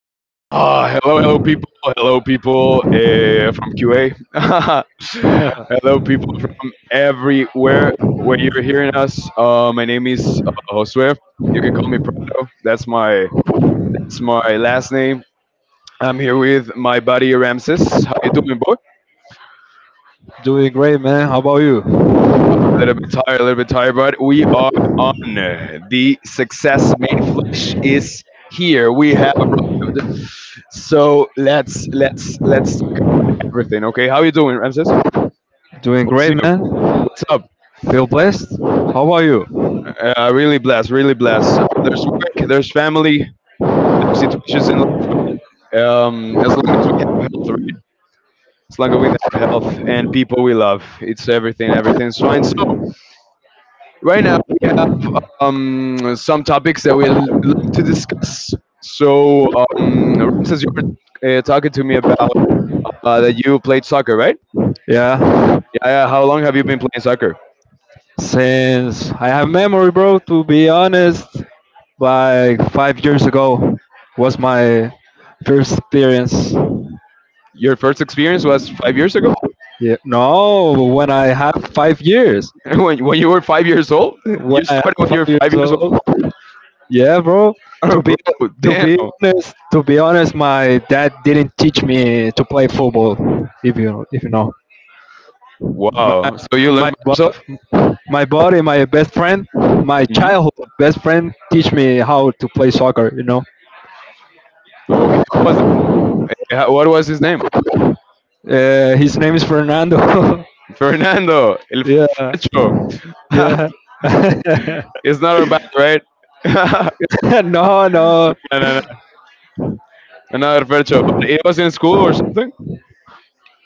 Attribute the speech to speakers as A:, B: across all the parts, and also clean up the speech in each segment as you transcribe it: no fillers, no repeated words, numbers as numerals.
A: Ah, hello, hello, people. Hello, people from QA. Hello, people from everywhere where you're hearing us. My name is Josue. You can call me Prado. That's my last name. I'm here with my buddy Ramses. How you doing, boy?
B: Doing great, man. How about you?
A: A little bit tired, a little bit tired, but we are on. The Success Made Flesh is here. We have arrived. So let's talk about everything. Okay, how you doing, Ramses?
B: Doing
A: What's
B: great,
A: new?
B: man.
A: What's up?
B: Feel blessed. How about you?
A: Really blessed, really blessed. There's work, there's family, there's situations in life. But, as long as we have health, right? As long as we have health and people we love, it's everything. Everything's fine. So right now we some topics that we'd like to discuss. So, Ramses, you were talking to me about that you played soccer, right?
B: Yeah.
A: Yeah, yeah. How long have you been playing soccer?
B: Since I have memory, bro, to be honest, like 5 years ago was my first experience.
A: Your first experience was 5 years ago?
B: Yeah. No, when I had 5 years.
A: When you were 5 years old?
B: When
A: You
B: I
A: started when
B: had five
A: you were five
B: years
A: years
B: old.
A: old?
B: Yeah, bro. To be
A: Bro,
B: to
A: damn.
B: be honest, to be honest, my dad didn't teach me to play football. If you know, my
A: Wow. So you
B: my
A: learned by
B: bu-
A: yourself?
B: my buddy, my best friend, my
A: Hmm.
B: childhood best friend, teach me how to play soccer. You know,
A: Okay. What was that? What was his name?
B: his name is Fernando.
A: Fernando El
B: yeah,
A: Fercho.
B: yeah.
A: It's not our bad, right? No,
B: no, no.
A: no, no. Another Fercho, but it was in school or something.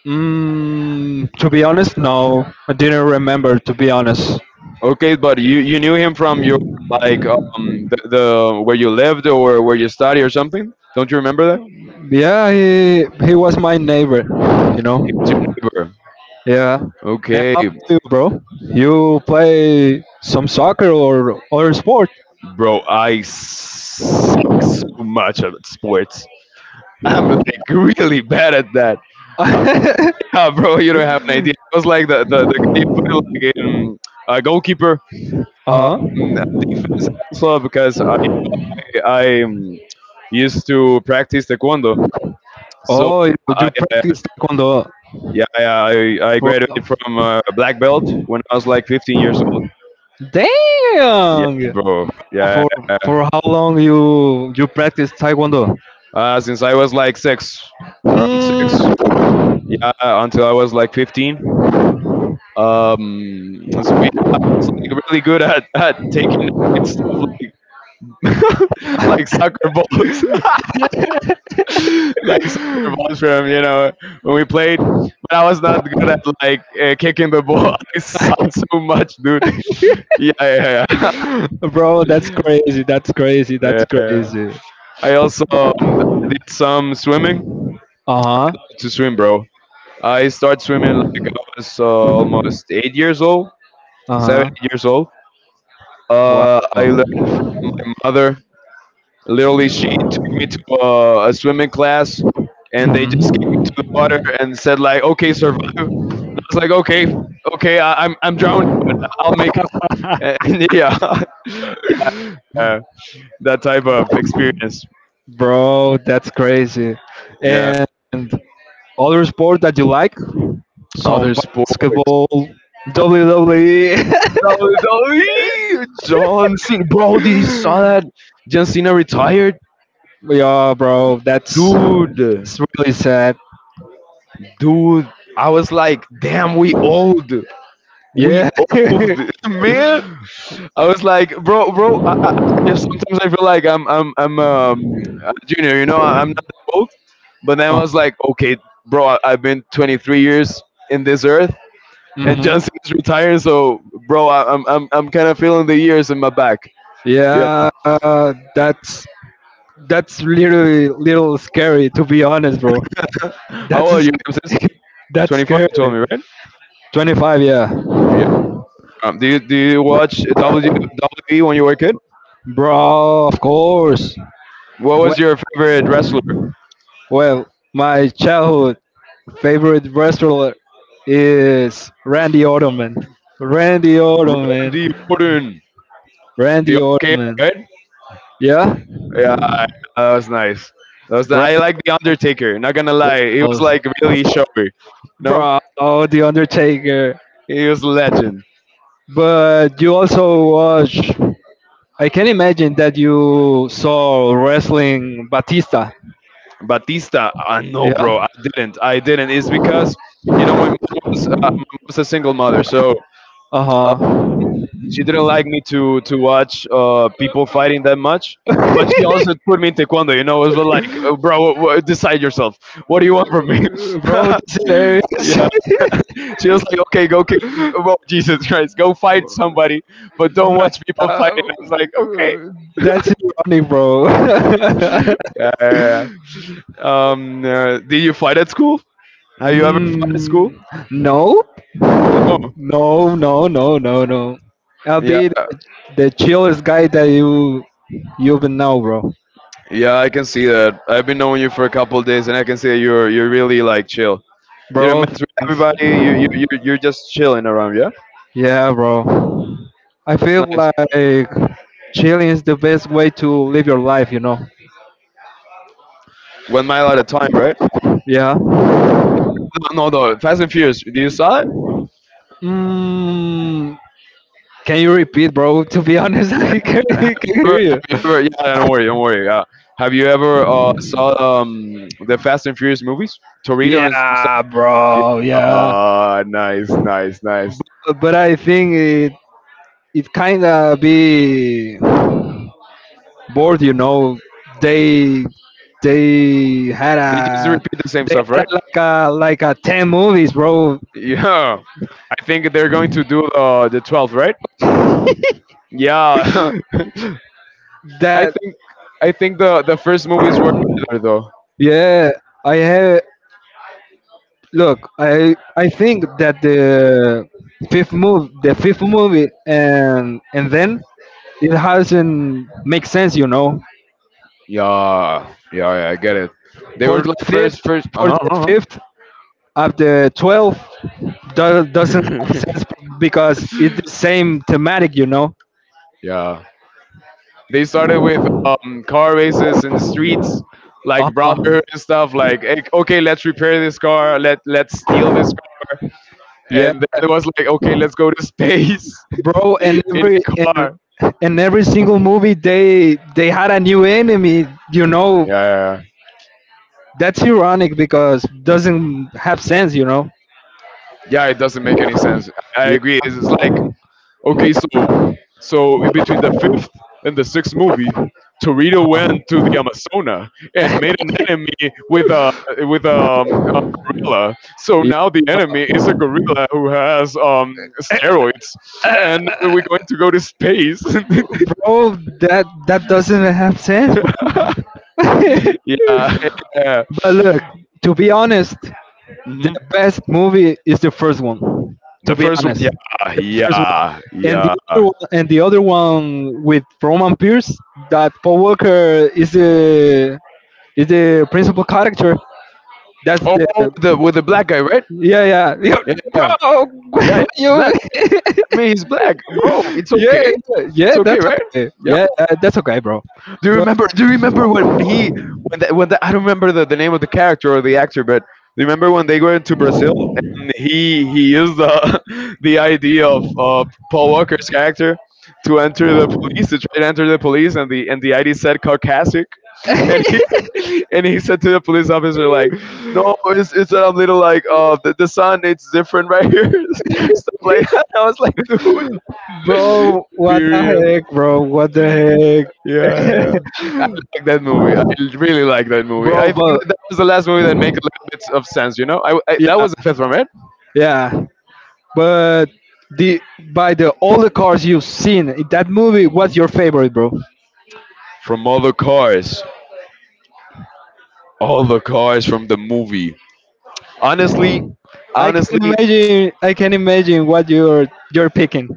B: Mm, to be honest, no, I didn't remember. To be honest,
A: Okay, but you knew him from your, like the where you lived or where you study or something. Don't you remember that?
B: yeah, he was my neighbor. You
A: He was
B: know,
A: your neighbor.
B: yeah. And
A: Okay,
B: how about you, bro? You play some soccer or other sport?
A: bro, I suck so much at sports. I'm like really bad at that.
B: uh
A: Ah, bro, you don't have an idea. It was like the guy you put like in goalkeeper, um,
B: huh.
A: defense also because I used to practice taekwondo. So
B: Oh, you,
A: I,
B: you
A: uh,
B: practice taekwondo
A: yeah, yeah, I
B: for
A: graduated from black belt when I was like 15 years old. Yeah,
B: dang.
A: bro. Yeah,
B: For
A: yeah.
B: how long you practice taekwondo?
A: Since I was like six, around six.
B: Hmm.
A: Yeah, until I was like 15. So he's like really good at taking stuff like like soccer balls, like soccer balls from when we played. But I was not good at like kicking the ball. I sucked so much, dude. Yeah, yeah, yeah.
B: Bro, that's crazy. That's crazy. That's
A: Yeah.
B: crazy.
A: I also did some swimming
B: Uh huh.
A: to swim, bro. I started swimming like I was almost 8 years old,
B: Uh
A: seven
B: huh.
A: eight years old.
B: Wow.
A: I learned from my mother. Literally, she took me to a swimming class, and they just kicked me
B: Hmm.
A: to the water and said like, "Okay, survive." And I was like, "Okay, okay, I'm drowning, but I'll make it." And yeah, yeah, that type of experience.
B: Bro, that's crazy.
A: Yeah,
B: And other sport that you like? Some
A: other sports.
B: basketball, WWE.
A: WWE, John Cena, bro. Did you saw that? John Cena retired,
B: yeah, bro.
A: dude,
B: That's really sad.
A: dude. I was like, damn, we
B: Yeah.
A: old, man. I was like, bro, bro. Sometimes I feel like I'm a junior. I'm not that old. But then I
B: uh
A: was like, okay, bro. I've been 23 years in this earth, and
B: hmm.
A: John Cena's retired. So, bro, I'm kind of feeling the years in my back. Yeah.
B: Yeah, that's literally little scary to be honest, bro.
A: How
B: That's a
A: are you?
B: sc- that's
A: 25,
B: scary.
A: you told me, right?
B: 25, yeah,
A: Yeah. Do you watch WWE when you were a kid?
B: bro. Of course.
A: What
B: When
A: was your favorite wrestler?
B: well, my childhood favorite wrestler is Randy Orton, man. Randy Orton, man.
A: Randy Orton, the
B: Randy Orton,
A: okay,
B: man.
A: right?
B: Yeah,
A: Yeah, that was nice. I
B: Randy
A: like the
B: Orton.
A: Undertaker. Not gonna
B: What
A: lie, he was
B: else,
A: like really showy. No,
B: bro? The Undertaker.
A: he was a legend.
B: But you also watch. I can imagine that you saw wrestling Batista.
A: Batista, no, bro,
B: Yeah.
A: I didn't. I didn't. It's because my mom's a single mother, so
B: Uh
A: uh,
B: huh.
A: she didn't like me to watch people fighting that much, but she also put me in taekwondo. It was like, bro, decide yourself. What do you want from me?
B: Bro, that's hilarious.
A: Yeah, she was like, okay, go kick. Well, Jesus Christ, go fight somebody, but don't
B: no,
A: watch people fighting.
B: uh,
A: I was like, okay."
B: that's ironic, bro.
A: Yeah. Yeah, yeah. Did you fight at school? Have you ever fought at school?
B: mm, no,
A: No.
B: no, no, no, no, no. I'll
A: Yeah.
B: be the chillest guy that you've been now, bro.
A: Yeah, I can see that. I've been knowing you for a couple of days, and I can see that you're really like chill. You don't
B: Bro,
A: mess with
B: thanks.
A: everybody. You're just chilling around. Yeah,
B: Yeah, bro. I
A: it's
B: feel
A: nice.
B: like chilling is the best way to live your life, you know?
A: One mile at a time, right?
B: Yeah.
A: No, no, no. Fast and Furious. Do you saw it?
B: Mm, can you repeat, bro? To be honest,
A: Have
B: I
A: you
B: can
A: ever?
B: hear
A: Have
B: you.
A: you ever? Yeah, yeah, don't worry, don't worry. Yeah. Have you ever saw the Fast and Furious movies? Torito and.
B: Yeah, bro. Yeah.
A: Ah, nice, nice, nice.
B: But I think it kind of be bored, you know. They they had
A: They just
B: a
A: repeat the same
B: they
A: stuff,
B: had
A: right?
B: a, like a like a 10 movies, bro.
A: Yeah, I think they're going to do the 12th, right? Yeah, I
B: That
A: think I think the first movies were better though.
B: yeah. I have Look, I think that the the fifth movie, and then it hasn't make sense, you know.
A: Yeah, yeah, yeah, I get it. They
B: For
A: were
B: the
A: like first,
B: fifth,
A: first, uh
B: for
A: huh,
B: the
A: uh
B: fifth of the twelfth, doesn't have
A: huh.
B: sense because it's the same thematic, you know.
A: Yeah. They started with car races in the streets,
B: Uh
A: like
B: huh.
A: brotherhood and stuff. Like, "Hey, okay, let's repair this car. Let's steal this car.
B: Yeah,
A: And then it was like, okay, let's go to space
B: bro. And
A: in
B: every
A: a
B: and,
A: car."
B: and every single movie, they had a new enemy, you know.
A: Yeah, yeah, yeah.
B: That's ironic because doesn't have sense, you know.
A: Yeah, it doesn't make any sense. I agree. It's like, okay, so in between the fifth and the sixth movie, Torito
B: Yeah.
A: went to the Amazona and made an enemy with a gorilla. So
B: Yeah.
A: now the enemy is a gorilla who has steroids, and we're going to go to space.
B: Oh, that that doesn't have sense, bro.
A: Yeah, yeah.
B: but look, to be honest, the
A: hmm
B: best movie is the first one. To
A: The
B: be
A: first one,
B: honest,
A: yeah,
B: the first one,
A: yeah,
B: and the
A: yeah.
B: other one, and the other one with Roman Pierce, that Paul Walker is the principal character. That's the
A: Oh, the with the black guy, right?
B: Yeah, yeah,
A: Yeah, yeah,
B: yeah, bro.
A: yeah. It's
B: you
A: black. I mean, he's black, bro. It's
B: yeah,
A: okay. It's
B: yeah,
A: okay,
B: that's
A: right?
B: okay,
A: Yeah.
B: yeah, that's okay, bro.
A: Do you
B: But
A: remember? Do you remember when he when that when the, I don't remember the name of the character or the actor, but do you remember when they went to Brazil and he used the the idea of Paul Walker's character to try to enter the police and the ID said Caucasic. And he and he said to the police officer like, "No, it's a little like the sun. It's different right here, stuff like that." I was like, "Dude,
B: Bro,
A: be
B: what the
A: real."
B: heck, bro? What the
A: Yeah, yeah, yeah. I like that movie. I really like that movie.
B: bro
A: I think
B: but
A: that, that was the last movie that made a little bit of sense. You know, I That was the
B: yeah,
A: fifth one, right?
B: yeah, but the by the all the cars you've seen in that movie,
A: hmm
B: what's your favorite, bro?
A: From all the cars from the movie. Honestly,
B: I can
A: honestly,
B: imagine, I can imagine what you're picking.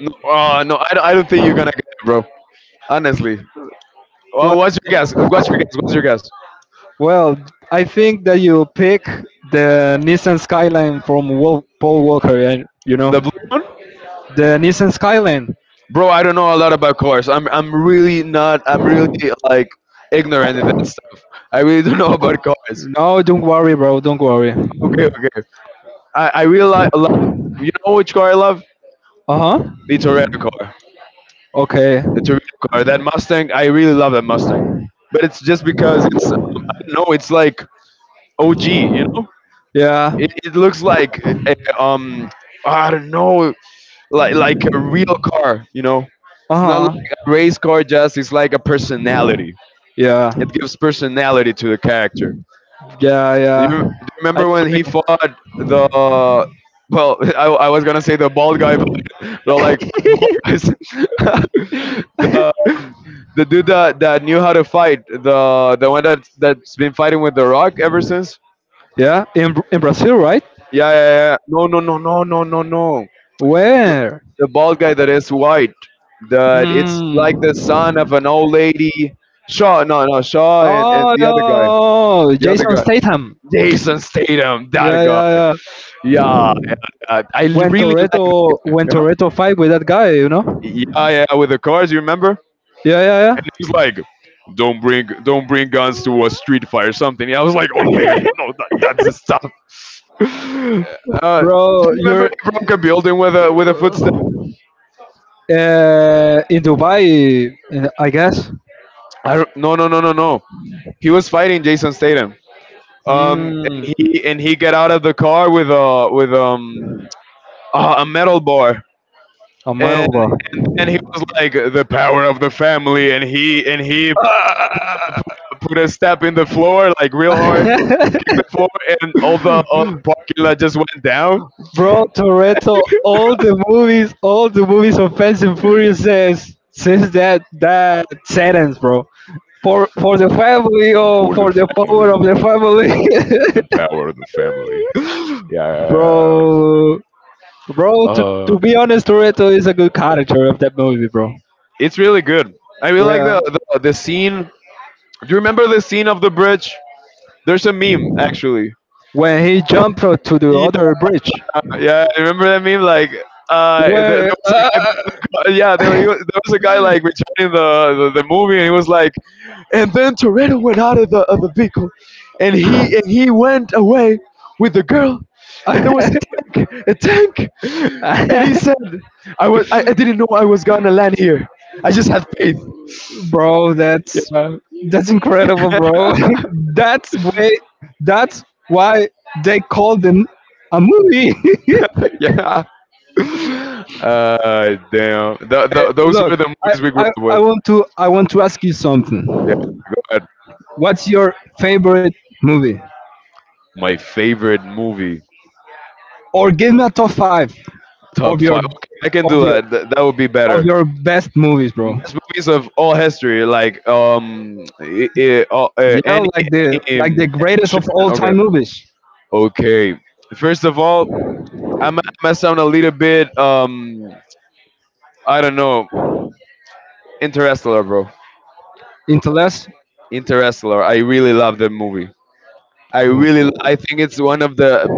A: no, no, I don't think you're gonna get it, bro. Honestly,
B: Well,
A: what's your guess? What's your guess? What's your guess?
B: well, I think that you pick the Nissan Skyline from Paul Walker, and you
A: The
B: know,
A: blue one,
B: the Nissan Skyline.
A: bro. I don't know a lot about cars. I'm really not. I'm really like ignorant of that stuff. I really don't know about cars.
B: No, don't worry, bro, don't worry.
A: Okay, okay. I really like, love, you know which car I love?
B: Uh-huh.
A: The Toretto car.
B: Okay.
A: The Toretto car. That Mustang, I really love that Mustang. But it's just because it's, no, it's like OG, you know?
B: Yeah.
A: It looks like a, I don't know, like a real car, you know? It's not like
B: Uh-huh.
A: a race car just, it's like a personality.
B: Yeah.
A: It gives personality to the character.
B: Yeah,
A: Do
B: yeah,
A: you
B: I
A: remember when he
B: agree.
A: fought the, well, I was going to say the bald guy. They're like five ball guys. the, um, the dude that knew how to fight, the one that that's been fighting with the Rock ever since.
B: Yeah, in in Brazil, right?
A: Yeah, yeah, yeah. No, no, no, no, no, no, no. The,
B: Where?
A: the bald guy that is white, that it's like the
B: Mm.
A: son of an old lady. Shaw, no, no, Shaw, and
B: Oh, yeah,
A: the other
B: Jason
A: guy,
B: Statham.
A: Jason Statham, that
B: Yeah,
A: guy.
B: yeah, yeah.
A: Yeah, yeah, yeah. I
B: When
A: really like
B: Toretto
A: that.
B: when
A: Yeah,
B: Toretto fight with that guy, you know?
A: yeah, yeah, with the cars. You remember?
B: Yeah, yeah,
A: And
B: yeah.
A: he's like, don't bring guns to a street fight or something." I was like, "Oh damn, no, that's the stuff." Do
B: Bro,
A: you remember
B: you're
A: he broke a building with a footstep?
B: Uh, in Dubai, I guess.
A: I don't, no, no, no, no, no. He was fighting Jason Statham. Um, and
B: Mm.
A: he and he got out of the car with a metal bar,
B: A
A: and
B: metal bar.
A: then he was like the power of the family, and he put a step in the floor like real hard, kicked the floor, and all the parking lot just went down.
B: Bro, Toretto, all the movies of Fast and Furious says that that sentence, bro. For the family, or
A: For the
B: for the power
A: family,
B: of the
A: the
B: family.
A: power of the family. Yeah, yeah,
B: bro. Bro,
A: yeah.
B: to be honest, Toretto is a good character of that movie, bro.
A: It's really good. I really like
B: Yeah,
A: the scene. Do you remember the scene of the bridge? There's a meme actually.
B: when he jumped to the
A: Yeah,
B: other bridge,
A: yeah, I remember that meme. Like, there
B: where.
A: was a guy. Yeah, there was a guy like returning the movie, and he was like, and then Toretto went out of the vehicle, and he went away with the girl, and there was
B: Uh,
A: a tank, and he said, I didn't know I was gonna land here, I just had faith.
B: bro, that's
A: Yeah,
B: that's incredible, bro. that's why that's why they called them a movie.
A: yeah. Damn. Th th those
B: Look,
A: were the
B: I,
A: movies we grew up
B: I, I
A: with.
B: want to I want to ask you
A: Yeah.
B: something.
A: Go ahead.
B: What's your favorite movie?
A: My favorite movie,
B: Or give me a top five of
A: top
B: your
A: five. Okay, I can
B: of
A: do
B: your
A: that. Th- that would be
B: of
A: better.
B: your best movies, bro.
A: Best movies of all history, like
B: Yeah,
A: any
B: like the greatest
A: action.
B: of all
A: Okay,
B: time movies.
A: okay. First of all, I might sound a little bit, I don't know, Interstellar, bro.
B: Interless.
A: Interstellar. I really love that movie. I really, I think it's one of the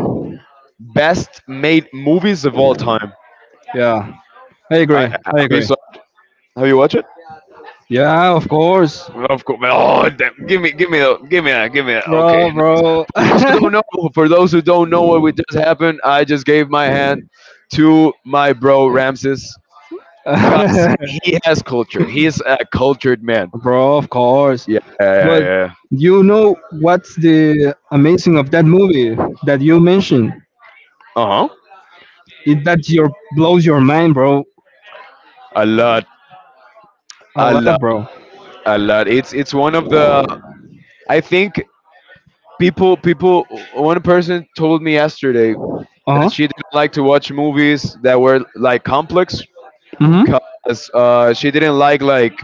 A: best made movies of all time.
B: Yeah, I
A: I
B: agree.
A: have
B: I
A: you
B: agree.
A: saw, Have you watched it?
B: Yeah, of course.
A: Of course. Oh, damn. Give me, a, give me, a, give me. A, Okay.
B: Bro, bro.
A: For those who don't know, for those who don't know what would just happen, I just gave my hand to my bro Ramses because he has culture. He is a cultured man.
B: bro. Of course,
A: Yeah, yeah,
B: but
A: yeah.
B: you know what's the amazing of that movie that you mentioned?
A: Uh huh.
B: It that your blows your mind, bro.
A: A lot,
B: A
A: a
B: lot,
A: lot,
B: bro.
A: a lot. It's one of the. I think people. One person told me yesterday
B: Uh huh.
A: that she didn't like to watch movies that were like complex
B: Mhm.
A: because she didn't like like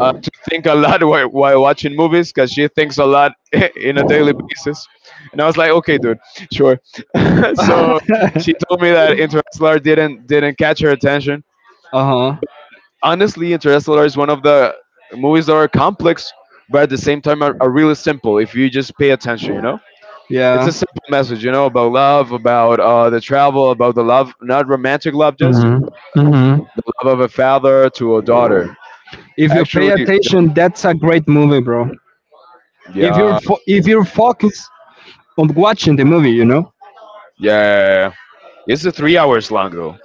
A: uh, to think a lot while watching movies because she thinks a lot in a daily basis, and I was like, okay, dude, sure.
B: uh
A: So she told me that Interstellar didn't catch her attention.
B: huh.
A: Honestly, Interstellar is one of the movies that are complex, but at the same time are really simple if you just pay attention, you know. It's
B: Yeah.
A: a simple message, you know, about love, about, the travel, about the love, not romantic love, just the
B: Mhm. Mhm.
A: love of a father to a daughter,
B: If you pay
A: actually.
B: attention, that's a great movie, bro. If you're
A: Yeah,
B: fo- if you're focused on watching the movie, you know.
A: yeah. It's a 3 hours long though.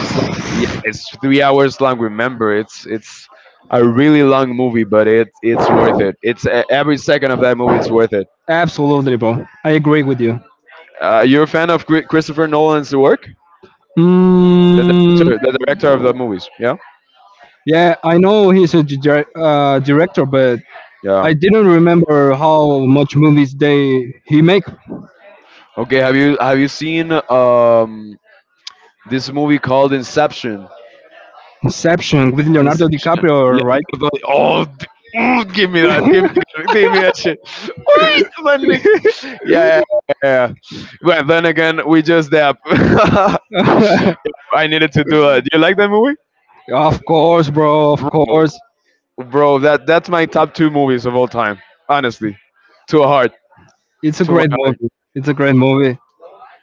A: It's like, yeah, it's 3 hours long. Remember, it's a really long movie, but it's worth it. It's every second of that movie. It's worth it.
B: Absolutely, bro. I agree with you.
A: You're a fan of Christopher Nolan's work,
B: Mm,
A: the director of the movies. Yeah,
B: yeah, I know he's a director, but
A: yeah.
B: I didn't remember how much movies they he make.
A: Okay, have you seen this movie called Inception?
B: Inception with Leonardo
A: Inception.
B: DiCaprio, right?
A: Give me that. Give me that shit. What, yeah, yeah, yeah. Well, then again, we just dab. I needed to do that. You like that movie,
B: of course, bro. Of
A: bro?
B: course,
A: Bro, that that's my top two movies of all time. Honestly, to a heart,
B: it's a
A: to my
B: great
A: heart.
B: movie. It's a great movie.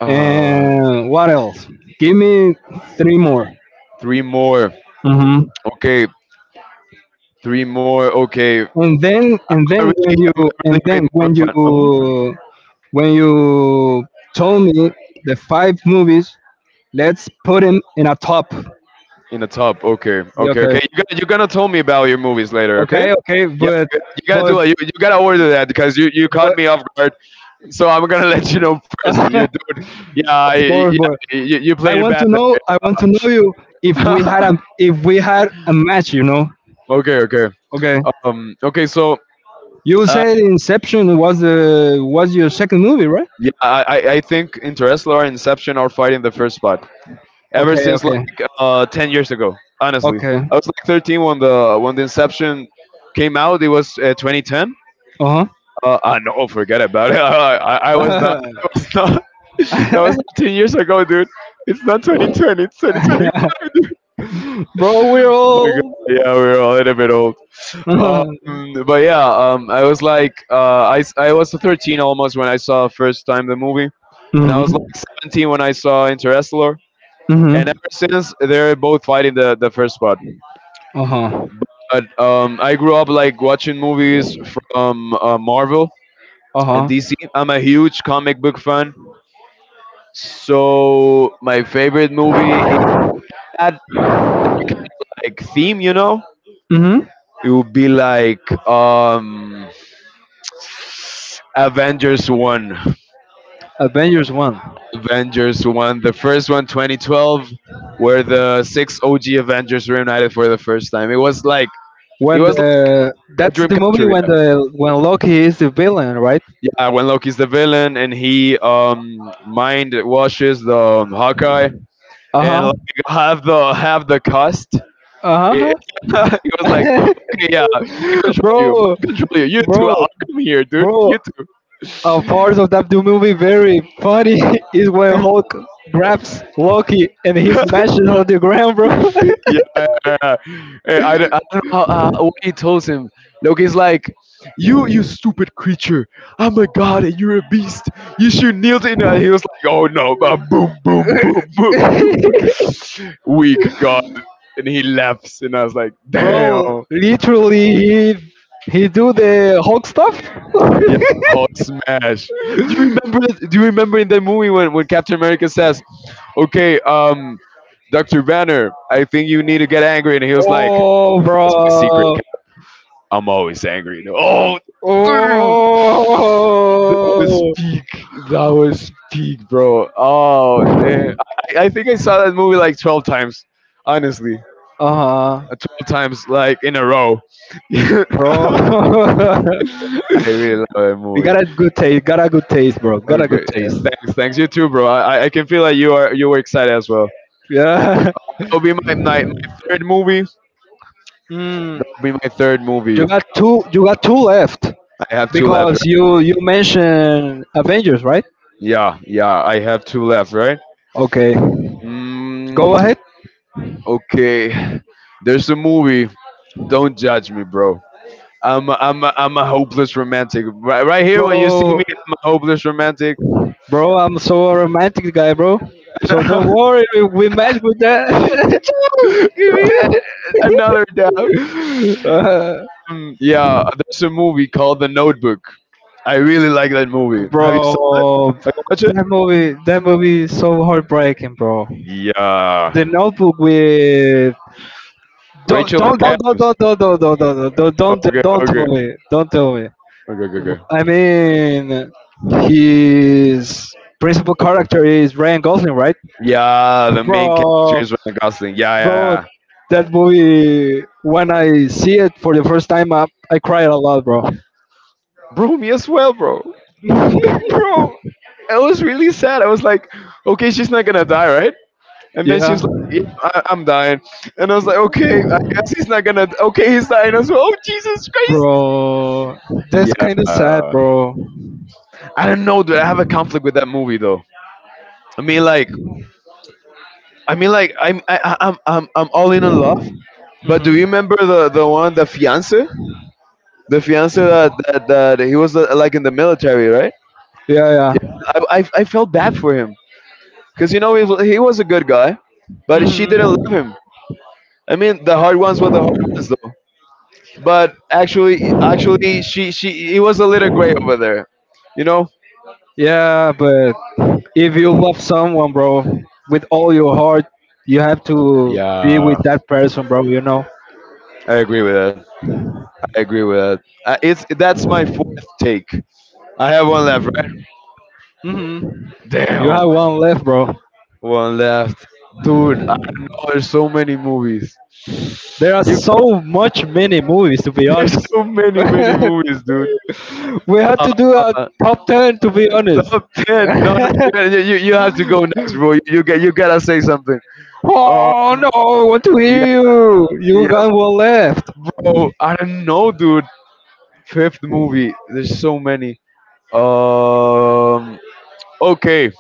A: Uh,
B: And what else? Give me three more.
A: Three more.
B: Hmm.
A: Okay, three more. Okay,
B: And then when you,
A: I'm a really
B: and
A: great
B: then
A: Marvel fan.
B: when you told me the five movies. Let's put him in a top.
A: In the top. Okay,
B: Yeah,
A: okay, okay. You're
B: okay,
A: gonna, you're gonna tell me about your movies later. Okay.
B: okay, okay,
A: Yeah, you gotta
B: but
A: do it. You gotta order that because you
B: but
A: caught me off guard. So I'm gonna let you know first. You,
B: of
A: dude, yeah, I- yeah,
B: course, but
A: you
B: I
A: played it
B: want
A: bad.
B: to know. I want to know you if we
A: There.
B: had a if we had a match. You know.
A: Okay, okay,
B: Okay.
A: okay. So,
B: You
A: uh,
B: said Inception was the was your second movie, right?
A: yeah, I think Interestelar and Inception are fighting the first spot ever
B: Okay,
A: since
B: okay,
A: like 10 years ago. Honestly,
B: okay.
A: I was like 13 when the Inception came out. It was 2010.
B: Uh
A: No, forget about it. I was not.
B: huh.
A: I was not that was 10 years ago, dude. It's not 2020. It's 2025.
B: Bro,
A: My
B: we're all.
A: god, yeah, we're a little bit old.
B: mhm.
A: But yeah, I was like, I was 13 almost when I saw first time the movie, and I was like 17 when I saw Interstellar, and
B: Mhm.
A: ever since they're both fighting the first part.
B: Uh huh.
A: But I grew up like watching movies from, Marvel
B: Uh
A: and
B: huh.
A: DC. I'm a huge comic book fan, so my favorite movie in that like theme, you know,
B: Mhm.
A: it would be like, Avengers 1.
B: Avengers one.
A: Avengers 1. The first one, 2012, where the six OG Avengers reunited for the first time. It was like, it
B: When
A: was like
B: the
A: a
B: That's
A: dream
B: the
A: come
B: movie
A: true.
B: when
A: Yeah.
B: the when Loki is the villain, right?
A: Yeah, when Loki's the villain and he mind washes the, Hawkeye,
B: Uh
A: and
B: huh.
A: like have the cost.
B: Uh
A: It,
B: huh.
A: it- he was like, okay, yeah, mind
B: bro,
A: control you, you too.
B: bro,
A: I'll come here, dude.
B: bro.
A: You
B: A part of that movie very funny is when
A: too.
B: Hulk grabs Loki and he smashes on the ground, bro.
A: Yeah, yeah, yeah. Hey, I don't, know how, what he tells him. Loki's like, You stupid creature! I'm a god, and you're a beast. You should kneel to." And he was like, "Oh no! Boom, boom, boom, boom, boom! Weak god!" And he laughs, and I was like,
B: bro,
A: "Damn!
B: literally, he do the Hulk stuff.
A: Yeah, hot smash!" Do you remember? That, do you remember in that movie when Captain America says, "Okay, Dr. Banner, I think you need to get angry. And he was like,
B: oh,
A: "That's my secret,
B: bro.
A: I'm always angry." Though. Oh, damn. That was
B: Oh.
A: peak. That was peak, bro. Oh, damn. I think I saw that movie like 12 times, honestly.
B: Uh huh.
A: Uh, 12 times, like in a row.
B: Bro.
A: I really love that
B: you
A: movie.
B: got a good taste. Got a good taste, bro. Got a
A: Okay,
B: good taste.
A: and thanks, thanks you too, bro. I can feel like you are, you were excited as well.
B: Yeah.
A: That'll be my, my third movie.
B: Mm,
A: That'll be my third
B: you
A: movie. I
B: got two. You got two left
A: have two left,
B: because
A: right?
B: you mentioned Avengers, right?
A: Yeah, yeah, I have two left, right?
B: Okay. Go
A: Mm,
B: ahead,
A: okay, there's a movie. Don't judge me, bro. I'm a hopeless romantic. Right, right here, when you see
B: bro.
A: me, I'm a hopeless romantic.
B: Bro, I'm so a romantic guy, bro. So don't
A: Cha-choo!
B: worry. We match with that.
A: Give me another dab.
B: Uh,
A: Yeah, there's a movie called The Notebook. I really like that movie. Have you seen it?
B: bro,
A: Have you watched it?
B: that movie. That movie is so heartbreaking, bro.
A: Yeah.
B: The Notebook with don't
A: Rachel McAdams. Okay,
B: don't tell
A: okay,
B: me. Don't tell me.
A: okay, okay, okay.
B: I mean, his principal character is Ryan Gosling, right?
A: Yeah, the main character
B: Bro,
A: is Ryan Gosling. Yeah, yeah,
B: bro,
A: yeah.
B: that movie. When I see it for the first time, I cried a lot, bro.
A: Bro, me as well, bro. Bro. It was really sad. I was like, okay, she's not gonna die, right? And then she
B: Yeah,
A: was like, yeah, I- I'm dying. And I was like, okay, I guess he's not gonna. Okay, he's dying as well. Oh, Jesus Christ.
B: bro, that's
A: Yeah.
B: kind of sad, bro.
A: I don't know, dude. I have a conflict with that movie, though. I mean, like, I mean, like, I'm, I'm all in on love. But do
B: Hmm.
A: you remember the one, the fiance that, that he was, like in the military, right?
B: Yeah, yeah.
A: I felt bad for him because, you know, he was a good guy, but she didn't love
B: Hmm.
A: him. I mean, the hard ones were the hard ones, though. But actually, actually, she it was a little gray over there, you know.
B: Yeah, but if you love someone, bro, with all your heart, you have to be
A: Yeah,
B: with that person, bro. You know.
A: I agree with that. I agree with that. It's that's my fourth take. I have one left, right?
B: Hmm. You
A: Damn,
B: have one left, bro.
A: one left, dude. I know there's so many movies.
B: There are
A: You
B: so much many movies, to be
A: there's
B: honest.
A: so many many movies, dude.
B: we have
A: Uh,
B: to do a
A: uh,
B: top 10, to be honest.
A: top ten. No, no, you have to go next, bro. You gotta say something.
B: oh no!
A: Um,
B: I want to
A: yeah,
B: hear you. You
A: yeah.
B: got one left.
A: Bro, I don't know, dude. Fifth movie. There's so many. Um. Okay,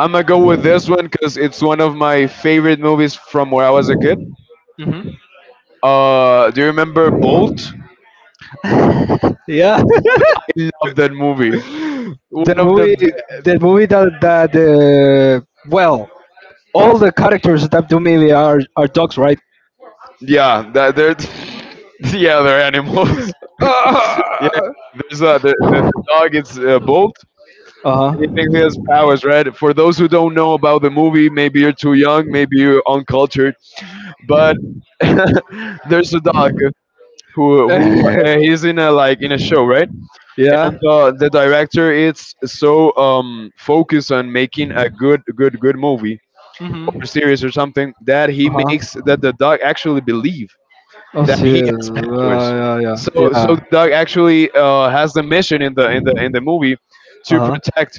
A: I'm gonna go with this one because it's one of my favorite movies from where I was a kid.
B: Hmm.
A: Do you remember Bolt?
B: Yeah,
A: Bolt. I love that movie.
B: the
A: One of the
B: movie,
A: best.
B: the movie that well, all the characters that do maybe are dogs, right?
A: Yeah, that they're. Yeah, they're animals. Yeah,
B: Uh
A: there's a the dog. It's, Bolt.
B: huh.
A: He thinks he has powers, right? For those who don't know about the movie, maybe you're too young, maybe you're uncultured, but there's a dog who he's in a like in a show, right?
B: yeah.
A: And, the director is so focused on making a good movie or
B: Mhm.
A: series or something that he
B: Uh
A: makes
B: huh.
A: that the dog actually believe
B: Oh
A: that he
B: shit.
A: has powers.
B: Yeah, yeah, yeah.
A: The dog actually, has the mission in the in the in the movie to
B: Uh huh.
A: protect,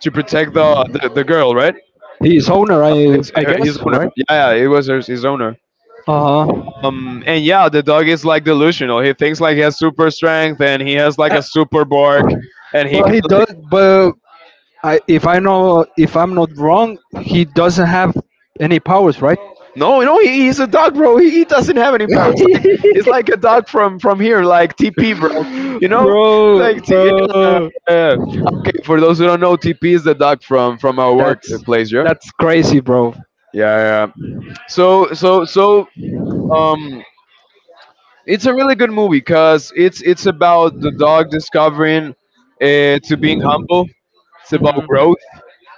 A: to protect the girl, right?
B: He's owner, I guess,
A: His owner,
B: right?
A: yeah, yeah, it was her, his owner.
B: Uh huh.
A: And yeah, the dog is like delusional. He thinks like he has super strength and he has like a super bark. And he
B: But
A: can
B: he
A: like,
B: does. But I, if I know, if I'm not wrong, he doesn't have any powers, right?
A: no he's a dog, bro. He doesn't have any power. It's like a dog from here, like TP, bro, you know.
B: bro,
A: Yeah, yeah,
B: bro.
A: yeah. Okay, for those who don't know, TP is the dog from our
B: That's
A: workplace. Yeah,
B: that's crazy, bro.
A: yeah, yeah, yeah. So um it's a really good movie because it's about the dog discovering, to being humble, it's about
B: Hmm.
A: growth.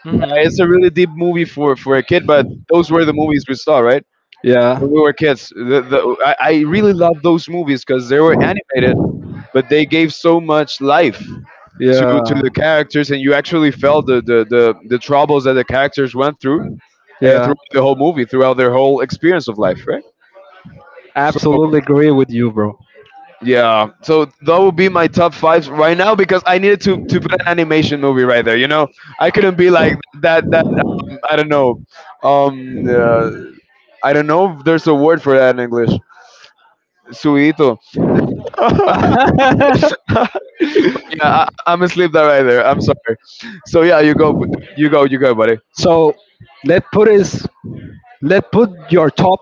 B: Hmm.
A: It's a really deep movie for a kid, but those were the movies we saw, right?
B: Yeah.
A: When we were kids. The, I really love those movies because they were animated, but they gave so much life to
B: Yeah,
A: the characters, and you actually felt the troubles that the characters went through
B: yeah,
A: throughout the whole movie, throughout their whole experience of life, right? So
B: absolutely agree with you, bro.
A: yeah, so that would be my top five right now because I needed to put an animation movie right there. I couldn't be like that I don't know um uh, I don't know if there's a word for that in English. Suito. Yeah, I'm asleep that right there. I'm sorry. So yeah, you go, bu- you go, buddy.
B: so let put is let put your top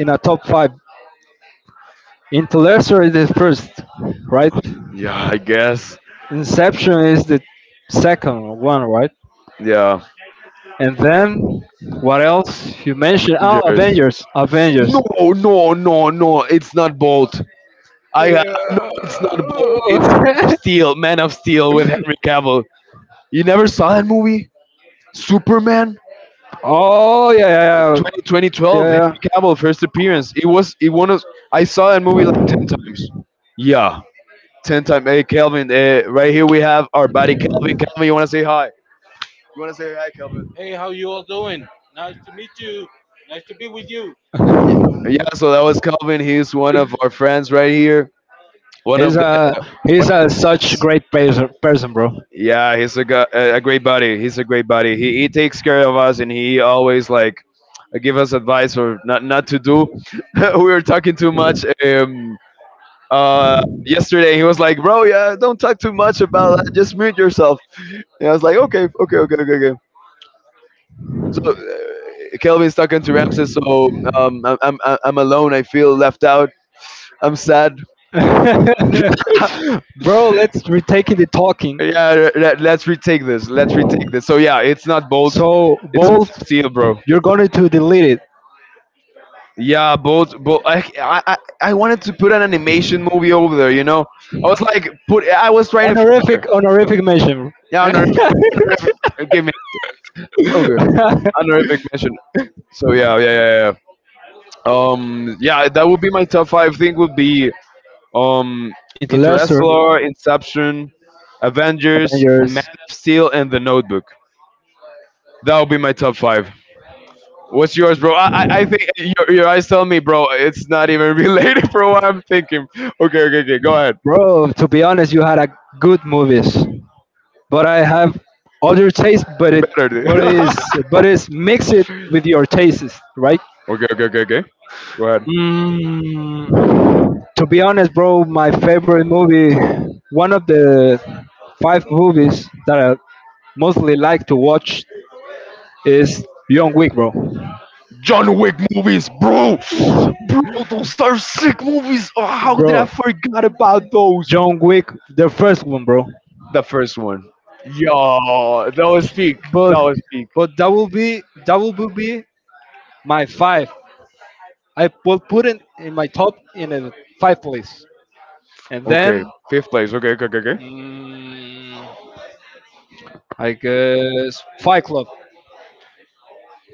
B: in a top five. Interstellar is the first, right?
A: Yeah, I guess.
B: Inception is the second one, right?
A: Yeah,
B: And then what else you mentioned? Oh,
A: Avengers.
B: Avengers, Avengers.
A: No, no, no, no. It's not Bolt. I no,
B: Yeah.
A: it's not Bolt. It's Man of Steel. Man of Steel with Henry Cavill. You never saw that movie? Superman
B: oh yeah, yeah, yeah,
A: 20 twenty
B: yeah,
A: twelve.
B: yeah.
A: Henry Cavill first appearance. It was it one of. I saw that movie like 10 times. Yeah. 10 time. Hey, Kelvin, right here we have our buddy Kelvin. Kelvin, you want to say hi? You want to say hi, Kelvin? Yeah, so that was Kelvin. He's one of our friends right here. One
B: He's
A: of the.
B: a he's a such great person, bro.
A: Yeah, he's a great buddy. He's a great buddy. He takes care of us, and he always like give us advice or not to do. We were talking too much uh, yesterday. He was like, "Bro, yeah, don't talk too much about that. Just mute yourself." And I was like, "Okay, okay, okay, okay, okay." So Kelvin's talking to Ramses. So I'm alone. I feel left out. I'm sad. Yeah,
B: Bro, let's retake the talking.
A: let's retake this. Let's retake this. So yeah, it's not Bolt.
B: So
A: It's Man
B: both,
A: of Steel, bro.
B: you're going to delete it.
A: Yeah, Bolt. Bolt. I wanted to put an animation movie over there. I was like, put. I was trying to fit
B: Honorific,
A: there.
B: honorific mention.
A: Yeah, honorific. Honorific give me okay. Honorific mention. So yeah, yeah, yeah, yeah. Yeah, that would be my top five. Thing would be. Um,
B: it's lesser.
A: Interstellar, Inception, Avengers, Man
B: Avengers.
A: of Steel, and The Notebook. That will be my top five. What's yours, bro? I think your eyes tell me, bro. It's not even related for what I'm thinking. Okay, okay, okay. Go ahead.
B: Bro, to be honest, you had a good movies. But I have other taste,
A: Better, dude.
B: but it is
A: Okay,
B: but it's mix it with your tastes, right?
A: okay, okay, okay. Go ahead.
B: Mm, to be honest, bro, my favorite movie, one of the five movies that I mostly like to watch is John Wick, bro.
A: John Wick movies, bro. Bro, those are sick movies. Oh, how did I
B: Bro,
A: forget about those?
B: John Wick, the first one, bro.
A: The first one. Yo, that was peak. That
B: But
A: was peak.
B: but that will be my five. I will put it in my top in a five place, and
A: Okay,
B: then
A: fifth place. Okay, okay, okay, okay.
B: mm, I guess Fight Club.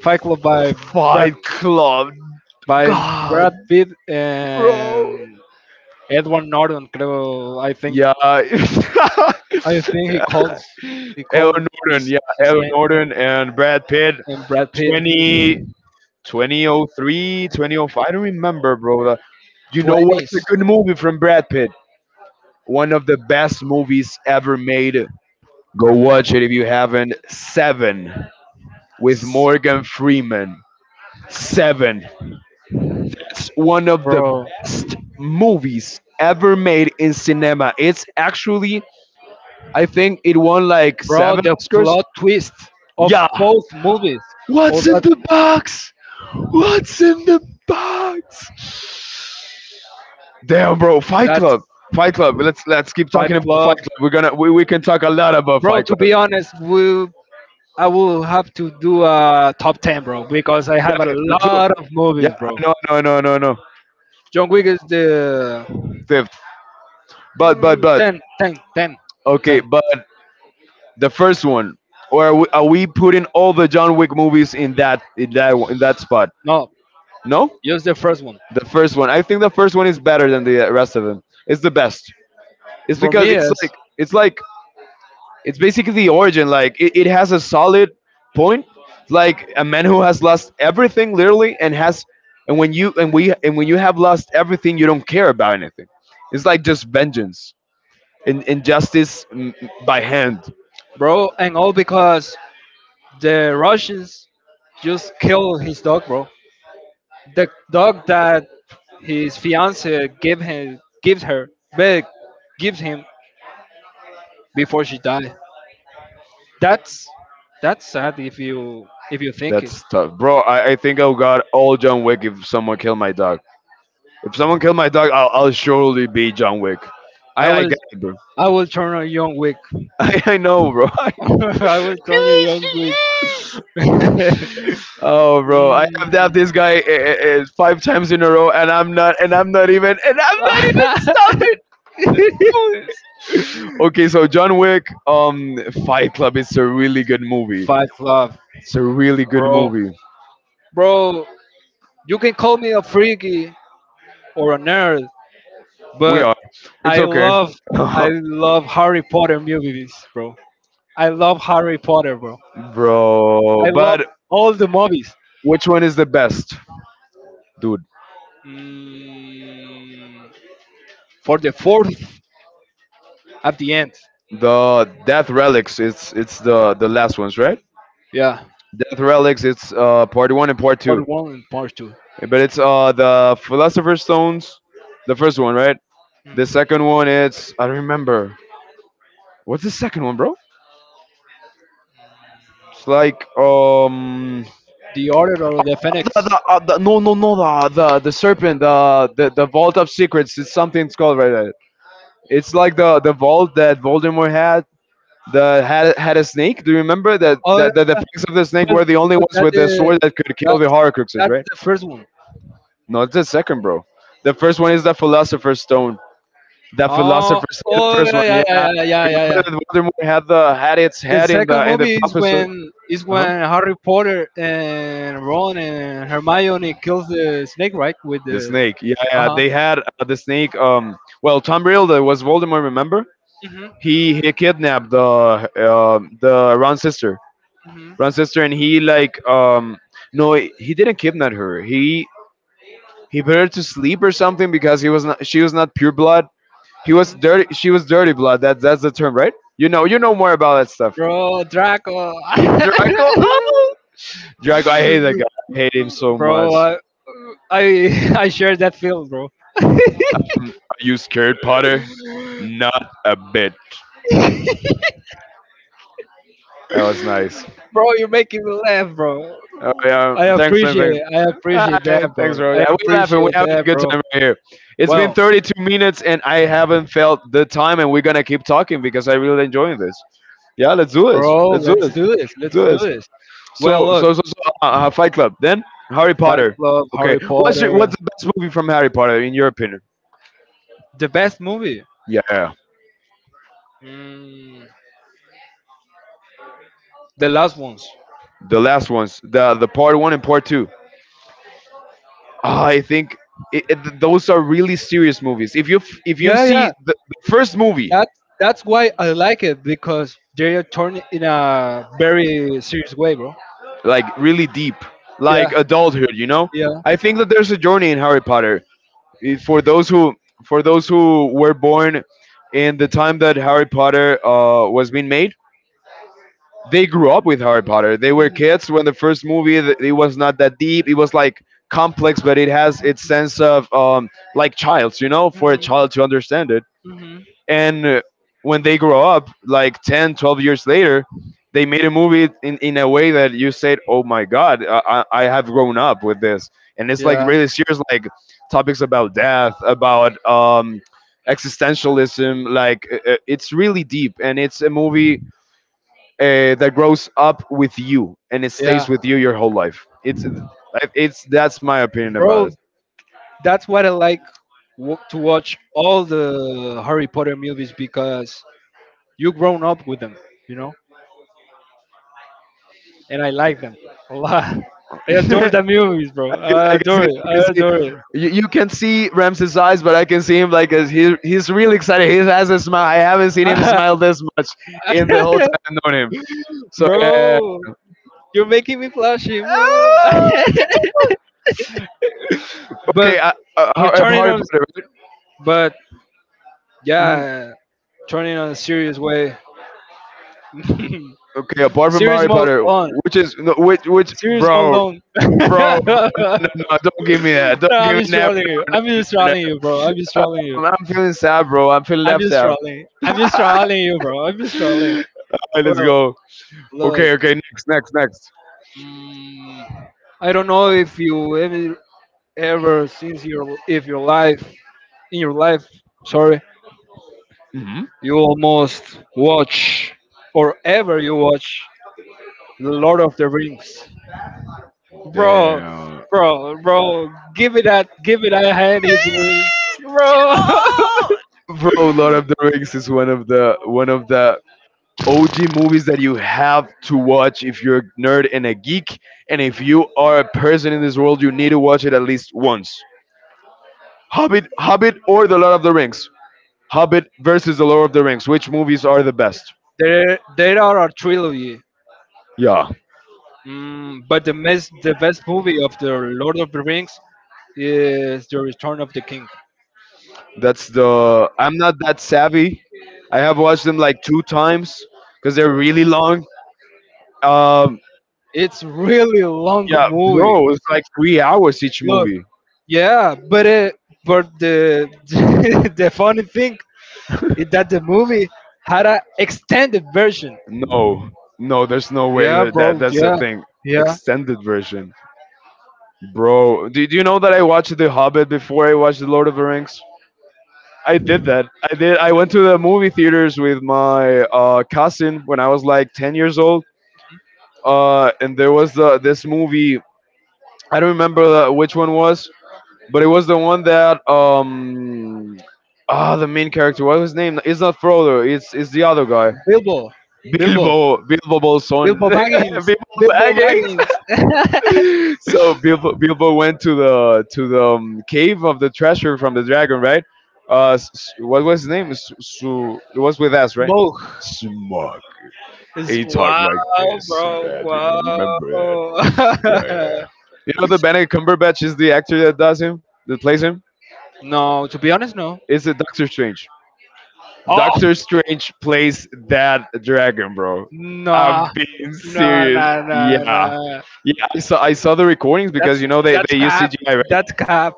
B: Fight Club by Brad
A: Fight Club.
B: by
A: God,
B: Brad Pitt
A: bro.
B: and Edward Norton. Creo. I think
A: Yeah. Edward
B: I think he calls he calls
A: Norton. Yeah,
B: his
A: Edward
B: name
A: Norton and Brad Pitt.
B: and Brad Pitt.
A: 20, 2003, 2005. I don't remember, bro. You know what's
B: Twenties,
A: a good movie from Brad Pitt? One of the best movies ever made. Go watch it if you haven't. Seven with Morgan Freeman. Seven. It's one of the
B: bro,
A: best movies ever made in cinema. It's actually, I think it won like
B: bro.
A: seven
B: The
A: Oscars.
B: plot twist of
A: Yeah.
B: both movies. Or
A: What's in
B: that-
A: the box? What's in the box? Damn, bro. Fight
B: that's
A: Club. Fight Club. Let's keep
B: Fight
A: talking about Fight
B: Club,
A: Club. We can talk a lot about
B: bro.
A: Fight
B: To
A: Club.
B: be honest, we I will have to do a top ten, bro, because I have a
A: Yeah, let's do it.
B: lot of
A: Yeah.
B: movies, bro.
A: No. No. No. No. No.
B: John Wick is the
A: Fifth. But
B: mm,
A: but but.
B: 10, ten, ten,
A: Okay.
B: ten.
A: But the first one, or are we putting all the John Wick movies in that spot?
B: No,
A: No,
B: just the first one.
A: the first one. I think the first one is better than the rest of them. It's the best. It's
B: For
A: because
B: me,
A: it's
B: is
A: like it's like it's basically the origin. Like it has a solid point. Like a man who has lost everything literally, and has and when you and when you have lost everything, you don't care about anything. It's like just vengeance and injustice by hand.
B: bro, and all because the Russians just killed his dog, bro. The dog that his fiance gave him, gives her, but gives him before she died. That's that's sad if you think it.
A: That's tough, bro. I think I would got all John Wick if someone killed my dog. If someone killed my dog, I'll surely be John Wick.
B: I
A: I
B: was
A: get it, bro.
B: I will turn a Young Wick.
A: I know, bro.
B: I will turn a Young Wick.
A: Oh, bro. I have to have
B: Mm.
A: this guy 5 times in a row, and I'm not even. Stop it. Let's do this. Okay, so John Wick, Fight Club. It's a really good movie.
B: Fight Club,
A: It's a really good
B: bro.
A: movie.
B: Bro, you can call me a freaky or a nerd,
A: We
B: but
A: are. It's
B: I
A: okay.
B: love I love Harry Potter movies, bro. I love Harry Potter, bro.
A: Bro.
B: I love
A: But
B: all the movies.
A: which one is the best, dude?
B: Mm, for the fourth at the end,
A: The Death Relics. It's the last ones, right?
B: yeah.
A: Death Relics. It's part one and part two.
B: Part one and part two.
A: But it's the Philosopher's Stones, the first one, right? The second one, it's I don't remember. What's the second one, bro? It's like
B: The Order of the Phoenix.
A: the no, no, no, the serpent, the vault of secrets. It's something it's called right there. It's like the vault that Voldemort had that had had a snake. Do you remember that
B: Oh, yeah,
A: that, that the fangs of the snake
B: but
A: were the only ones
B: that
A: with the sword that could kill
B: that's
A: the Horcruxes,
B: that's
A: right?
B: the first one.
A: No, it's the second, bro. The first one is the Philosopher's Stone. The
B: Oh,
A: Philosopher's Stone, the
B: oh
A: first one.
B: yeah,
A: Yeah,
B: yeah,
A: remember
B: yeah.
A: that Voldemort had the had its
B: The
A: head in
B: second
A: the
B: movie is
A: professor. Uh huh.
B: when Harry Potter and Ron and Hermione kills the snake, right? With
A: The
B: the
A: snake. Yeah,
B: uh
A: yeah.
B: huh.
A: They had the snake. Well, Tom Riddle was Voldemort. Remember?
B: hmm
A: He kidnapped the Ron's sister.
B: hmm
A: Ron's sister, and he like, no, he didn't kidnap her. He put her to sleep or something, because he was not, she was not pure blood. He was
B: hmm
A: dirty. She was dirty blood. That's the term, right? You know more about that stuff.
B: Bro, Draco.
A: Yeah, Draco. Oh, Draco. I hate that guy. I hate him so much.
B: bro, I I share that feel, bro.
A: Are you scared, Potter? Not a bit. That was nice.
B: Bro, you're making me laugh, bro.
A: Oh yeah. Thanks, Lin. Thanks.
B: I appreciate
A: Hi,
B: that,
A: thanks,
B: bro.
A: bro.
B: I
A: Yeah, we're laughing. We're
B: appreciate
A: having a
B: that,
A: good
B: bro.
A: time right here. It's been
B: Well,
A: 32 minutes, and I haven't felt the time, and we're gonna keep talking because I really enjoying this. Yeah, let's do this.
B: bro,
A: Let's do
B: let's
A: this.
B: do this.
A: Let's
B: Let's
A: do
B: do
A: this.
B: this. Well,
A: So
B: look,
A: so so, so uh, uh, Fight Club. Then Harry
B: Fight
A: Potter.
B: Club,
A: Okay,
B: Harry Potter,
A: what's the best movie from Harry Potter in your opinion?
B: the best movie.
A: Yeah,
B: Mm, the last ones.
A: the last ones, the part one and part two. Ah, I think those are really serious movies. If you if you
B: Yeah,
A: see
B: yeah.
A: the first movie
B: That's why I like it because they are turned in a very serious way, bro.
A: like really deep, like
B: Yeah,
A: adulthood,
B: yeah.
A: I think that there's a journey in Harry Potter. For those who were born in the time that Harry Potter was being made, they grew up with Harry Potter. They were kids when the first movie. It was not that deep. It was like complex, but it has its sense of like child's, for a child to understand it.
B: Mhm.
A: And when they grow up, like 10, 12 years later, they made a movie in a way that you said, "Oh my God, I have grown up with this." And it's like
B: Yeah,
A: really serious, like topics about death, about existentialism. Like it's really deep, and it's a movie that grows up with you and it stays
B: yeah,
A: with you your whole life. It's that's my opinion
B: bro.
A: about
B: That's what I like to watch all the Harry Potter movies because you grown up with them, you know, and I like them a lot. I adore
A: it.
B: the movies, bro.
A: 'Cause
B: I
A: I can see,
B: adore it. I
A: because
B: adore
A: you, can see Ramses' eyes, but I can see him like as he's really excited. He has a smile. I haven't seen him smile this much in the whole
B: it,
A: time I've known him. So yeah.
B: bro. You're making me flashy, bro.
A: Okay,
B: but we're turning
A: Harry
B: on.
A: Potter, right?
B: But
A: Mhm.
B: yeah, turning on a serious way.
A: Okay, apart from
B: serious
A: Harry
B: mode
A: Potter,
B: on.
A: which
B: Serious mode
A: bro,
B: on.
A: bro, no, no, no, don't give me that.
B: no,
A: Don't
B: I'm
A: give me
B: just
A: that.
B: trolling you.
A: No,
B: I'm
A: no,
B: just
A: no, no,
B: trolling you, bro. I'm just
A: no.
B: trolling you.
A: I'm feeling sad, bro. I'm feeling
B: I'm
A: left
B: just
A: out.
B: trolling. I'm just trolling you, bro. I'm just trolling.
A: All right, let's
B: Well,
A: go.
B: look,
A: Okay, okay, next, next, next.
B: mm, I don't know if you ever, ever since your if your life in your life, sorry,
A: Hmm.
B: you almost watch or ever you watch The Lord of the Rings, Bro,
A: Damn,
B: bro. Give it that. Give it a hand if you, bro.
A: bro, Lord of the Rings is one of the OG movies that you have to watch if you're a nerd and a geek, and if you are a person in this world, you need to watch it at least once. Hobbit, Hobbit, or The Lord of the Rings? Hobbit versus The Lord of the Rings. Which movies are the best?
B: There are a trilogy.
A: Yeah,
B: But the best movie of the Lord of the Rings is The Return of the King.
A: that's the. I'm not that savvy. I have watched them like 2 times because they're really long. Um,
B: It's really long
A: yeah,
B: movie.
A: bro, it's like 3 hours each
B: Look,
A: movie.
B: yeah, but but the the funny thing is that the movie had an extended version.
A: No, no, there's no way
B: Yeah,
A: that, that
B: bro.
A: that's a
B: Yeah,
A: thing.
B: yeah.
A: Extended version, bro. Did you know that I watched The Hobbit before I watched The Lord of the Rings? I did that. I did. I went to the movie theaters with my cousin when I was like 10 years old, and there was this movie. I don't remember which one was, but it was the one that the main character. What was his name? It's not Frodo. It's the other guy.
B: Bilbo, Bilbo,
A: Bilbo. Bilbo Bolson.
B: Bilbo Baggins,
A: Bilbo
B: Bilbo
A: Baggins.
B: Baggins.
A: So Bilbo went to the cave of the treasure from the dragon, right? What was his name? It was with us, right?
B: Smoke.
A: Smug.
B: It's
A: He talked
B: wow,
A: like this and that, you know.
B: bro.
A: Remember that?
B: Wow.
A: Yeah, yeah, yeah. You know the Benedict Cumberbatch is the actor that does him, that plays him.
B: No, to be honest, no.
A: It's a Doctor Strange.
B: Oh,
A: Doctor Strange plays that dragon, bro.
B: no,
A: I'm being
B: no, no,
A: serious.
B: no. no.
A: Yeah. Yeah, I saw the recordings because
B: That's
A: you know they, they use
B: cap.
A: CGI, right?
B: That's cap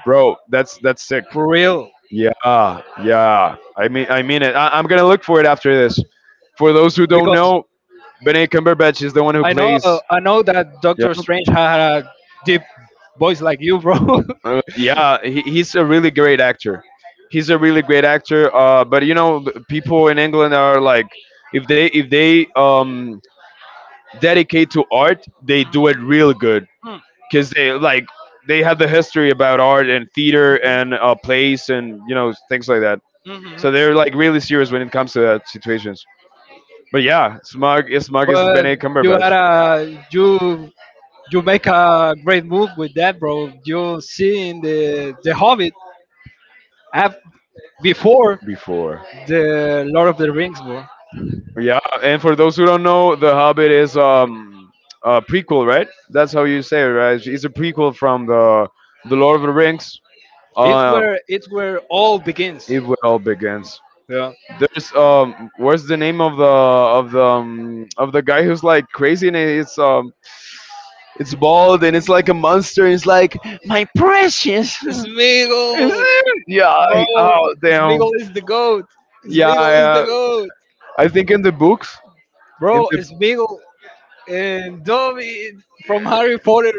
A: Bro, that's sick.
B: for real.
A: Yeah, yeah. I mean it. I'm gonna look for it after this. For those who don't
B: Because
A: know, Benedict Cumberbatch is the one who
B: I know,
A: plays.
B: I know that
A: Yeah,
B: Doctor Strange had a deep voice like you, bro.
A: yeah. He's a really great actor. He's a really great actor. But you know, people in England are like, if they dedicate to art, they do it real good because they like they have the history about art and theater and plays and you know things like that.
B: Mm-hmm.
A: So they're like really serious when it comes to that situations. But yeah, Smug is
B: but
A: Benedict Cumberbatch
B: you make a great move with that, bro. You see in the Hobbit af- before
A: before.
B: the Lord of the Rings, bro.
A: Yeah, and for those who don't know, The Hobbit is a prequel, right? That's how you say it, right? It's a prequel from the Lord of the Rings.
B: It's
A: Uh,
B: where all begins.
A: it all begins.
B: Yeah.
A: There's what's the name of the of the of the guy who's like crazy and it's bald and it's like a monster. And it's like my precious. Is
B: Smeagol,
A: it? Yeah.
B: bro.
A: I- Oh damn.
B: Smeagol is the goat.
A: Yeah,
B: Smeagol is the
A: yeah.
B: goat,
A: I think in the books, in
B: bro.
A: the
B: Smeagol and Dobby from Harry Potter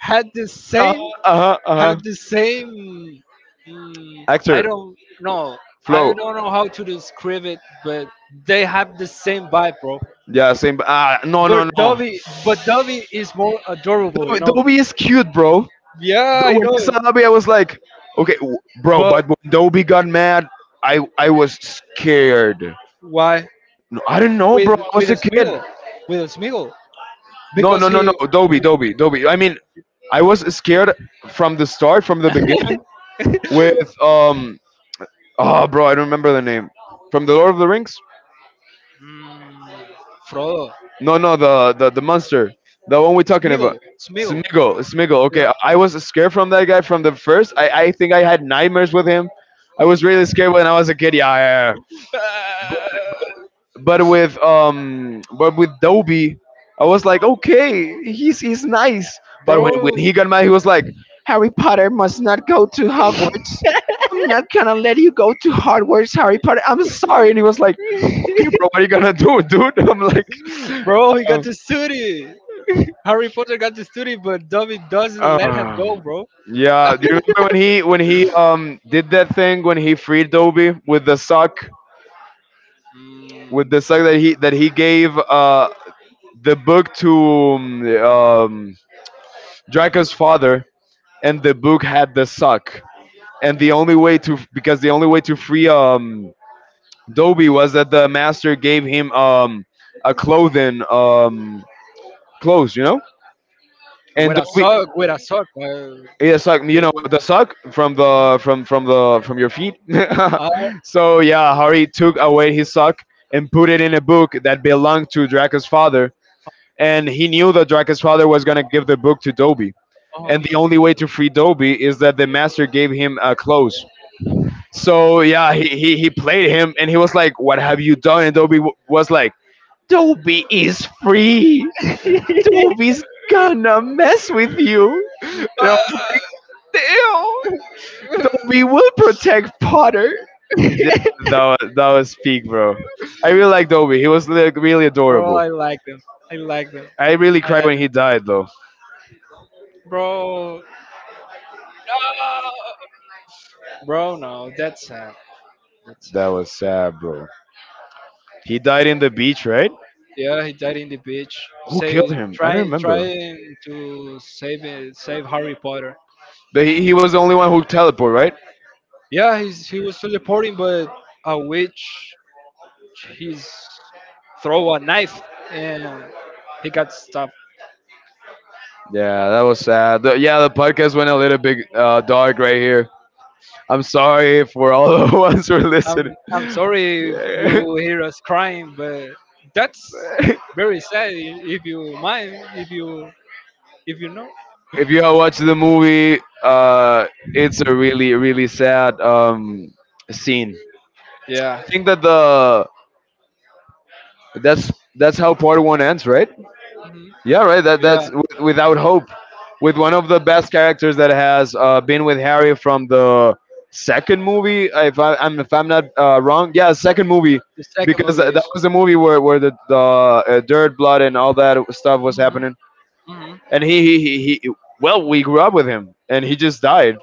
B: had the
A: uh
B: same,
A: uh uh
B: had the same. I
A: actor
B: don't know. I
A: Flo.
B: don't know how to describe it, but they have the same vibe, bro.
A: Yeah, same. Ah, no,
B: But
A: no, no.
B: Dobby, is more adorable, you
A: Dobby,
B: know.
A: Dobby is cute, bro.
B: Yeah,
A: Do-
B: I
A: When
B: know.
A: I saw Dobby, I was like, okay, w- bro.
B: But
A: But when Dobby got mad, I was scared.
B: why
A: No, I don't know,
B: with
A: bro. I was a
B: a
A: kid.
B: Smeagol? With a Smeagol
A: No,
B: because
A: no, no, no.
B: he
A: Dobby, Dobby, Dobby. I mean, I was scared from the start, from the beginning, with Oh, bro, I don't remember the name. From the Lord of the Rings.
B: Mm, Frodo.
A: No, no, the monster, the one we're talking about,
B: Smiggle. Smiggle. You
A: Smiggle, Smiggle. Okay, I was scared from that guy from the first. I think I had nightmares with him. I was really scared when I was a kid. Yeah, yeah, yeah. But with Dobby, I was like, okay, he's nice. But when
B: Bro,
A: he got mad, he was like, Harry Potter must not go to Hogwarts. I'm not gonna let you go to Hogwarts, Harry Potter. I'm sorry. And he was like, okay, bro, what are you gonna do, dude? I'm like.
B: he got
A: um.
B: to study. Harry Potter got to study, but Dobby doesn't let him go,
A: Um,
B: bro.
A: yeah. Do you remember when he when he did that thing when he freed Dobby with
B: Mm,
A: the sock that he gave the book to Draco's father and the book had the sock and the only way to because the only way to free Dobby was that the master gave him a clothing clothes you know and
B: with a
A: Dobby
B: sock, with a sock.
A: yeah suck you know the suck
B: Uh, he,
A: from the from your feet
B: Uh, uh,
A: so yeah hari took away his suck and put it in a book that belonged to draka's father and he knew that draka's father was going to give the book to Dobby, and the only way to free Dobby is that the master gave him clothes so yeah he played him and he was like what have you done and Dobby was like "Dobby is free, Dobby's gonna mess with you, and I was like damn. Toby will protect Potter. Yeah, that was peak, bro. I really like Dobby. He was like really
B: bro,
A: adorable.
B: I like them. I like them.
A: I really
B: I
A: cried
B: like
A: when
B: them.
A: he died, though.
B: Bro, no, that's sad. That's
A: That
B: sad.
A: was sad, bro. He died in the beach, right?
B: Yeah, he died in the beach.
A: Who killed
B: Save,
A: him? I don't remember.
B: trying to save, save Harry Potter.
A: But he was the only one who teleported, right?
B: Yeah, he was teleporting, but a witch he's throw a knife and he got stuffed.
A: Yeah, that was sad. Yeah, the podcast went a little bit dark right here. I'm sorry for all the ones who are listening.
B: I'm I'm sorry if you hear us crying, but that's very sad. If you mind, if you know,
A: If you have watched the movie, it's a really really sad scene.
B: yeah,
A: Think that the that's how part one ends, right?
B: hmm
A: Yeah, right. That
B: yeah.
A: that's with, without hope, with one of the best characters that has been with Harry from the second movie. If I'm if I'm not wrong, yeah, second movie,
B: The second
A: because
B: movie is.
A: that was the movie where the dirt, blood, and all that stuff was
B: Mhm,
A: happening.
B: mhm.
A: And he he. Well, we grew up with him, and he just died.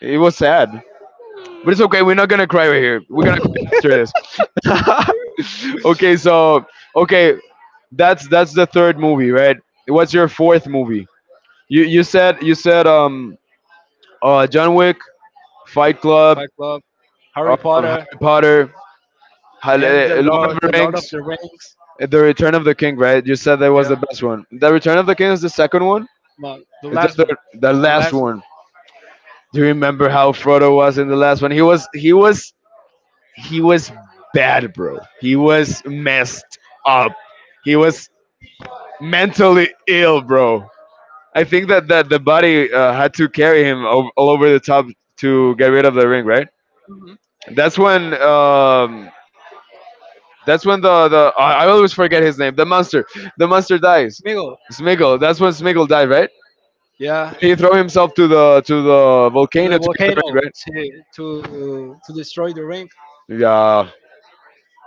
A: It was sad. But it's okay. We're not gonna cry right here. We're gonna cry after this. Okay, that's the third movie, right? What's your fourth movie? You said you said John Wick, Fight Club,
B: Fight Club,
A: um,
B: Harry Potter,
A: Harry Potter,
B: and
A: Lord of the
B: The Lord of
A: Rings,
B: the Rings.
A: The Return of the King, right? You said that was the
B: Yeah,
A: best one. The Return of the King is the second one.
B: no, the
A: It's the
B: last one,
A: third, the
B: the
A: last
B: last one.
A: one. Do you remember how Frodo was in the last one? He was bad, bro. He was messed up. He was mentally ill, bro. I think that the body had to carry him all over the top to get rid of the ring, right?
B: Mhm.
A: That's when um, that's when the I always forget his name. The monster dies.
B: Smeagol.
A: Smiggle. That's when Smiggle died, right?
B: Yeah,
A: He threw himself to the
B: to the
A: volcano to get the
B: volcano
A: ring, right?
B: to destroy the ring,
A: Yeah.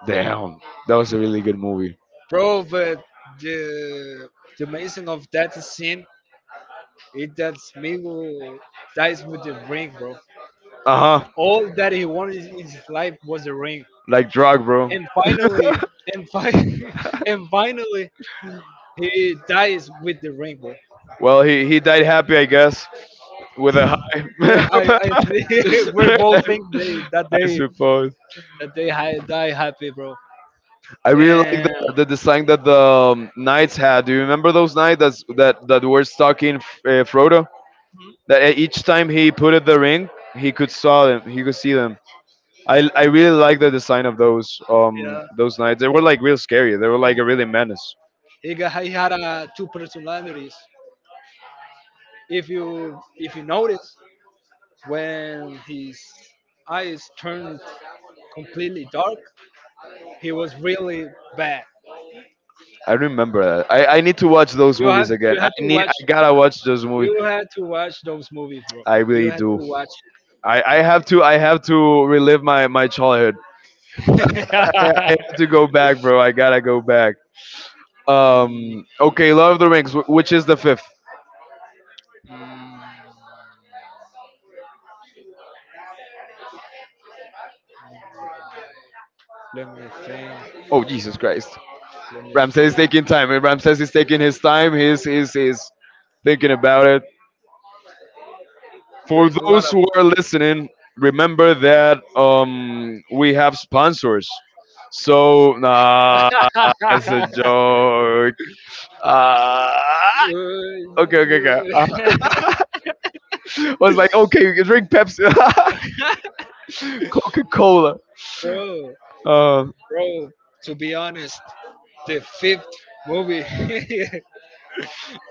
A: Damn. That was a really good movie.
B: bro. But the the amazing of that scene It that's Migo dies with the ring, bro.
A: Uh huh.
B: All that he wanted in his life was the ring,
A: Like drug, bro.
B: and finally, and fi- and finally, he dies with the ring, bro.
A: Well, he died happy, I guess, with a high.
B: Yeah, I think we're both think they that
A: I
B: they
A: suppose.
B: that they die happy, bro.
A: I really like
B: And
A: the design that the knights had. Do you remember those knights that that were stuck in Frodo? That each time he put in the ring, he could saw them. He could see them. I really like the design of
B: yeah,
A: those knights. They were like real scary. They were like a really menace.
B: he had two personalities. If you notice, when his eyes turned completely dark, he was really bad.
A: I remember that. I need to watch those movies again.
B: You had to watch
A: I gotta watch those movies.
B: you had to watch those movies, bro.
A: I
B: You
A: really
B: had to
A: do.
B: watch
A: I have to relive my childhood. I
B: it.
A: have to go back, bro. I gotta go back.
B: Mm,
A: Okay, Lord of the Rings. Which is the fifth?
B: mm, let me think.
A: Oh Jesus Christ!
B: Let me
A: Ramses is
B: think.
A: taking time. And Ramses is taking his time. He's thinking about it.
B: There
A: For
B: is a lot
A: those
B: of
A: who are listening, remember that we have sponsors. So nah, that's a
B: Uh,
A: joke. Ah. Okay, okay, okay.
B: you-
A: Was like, okay, you can drink Pepsi. Coca Cola.
B: bro,
A: Um,
B: bro. To be honest, the fifth movie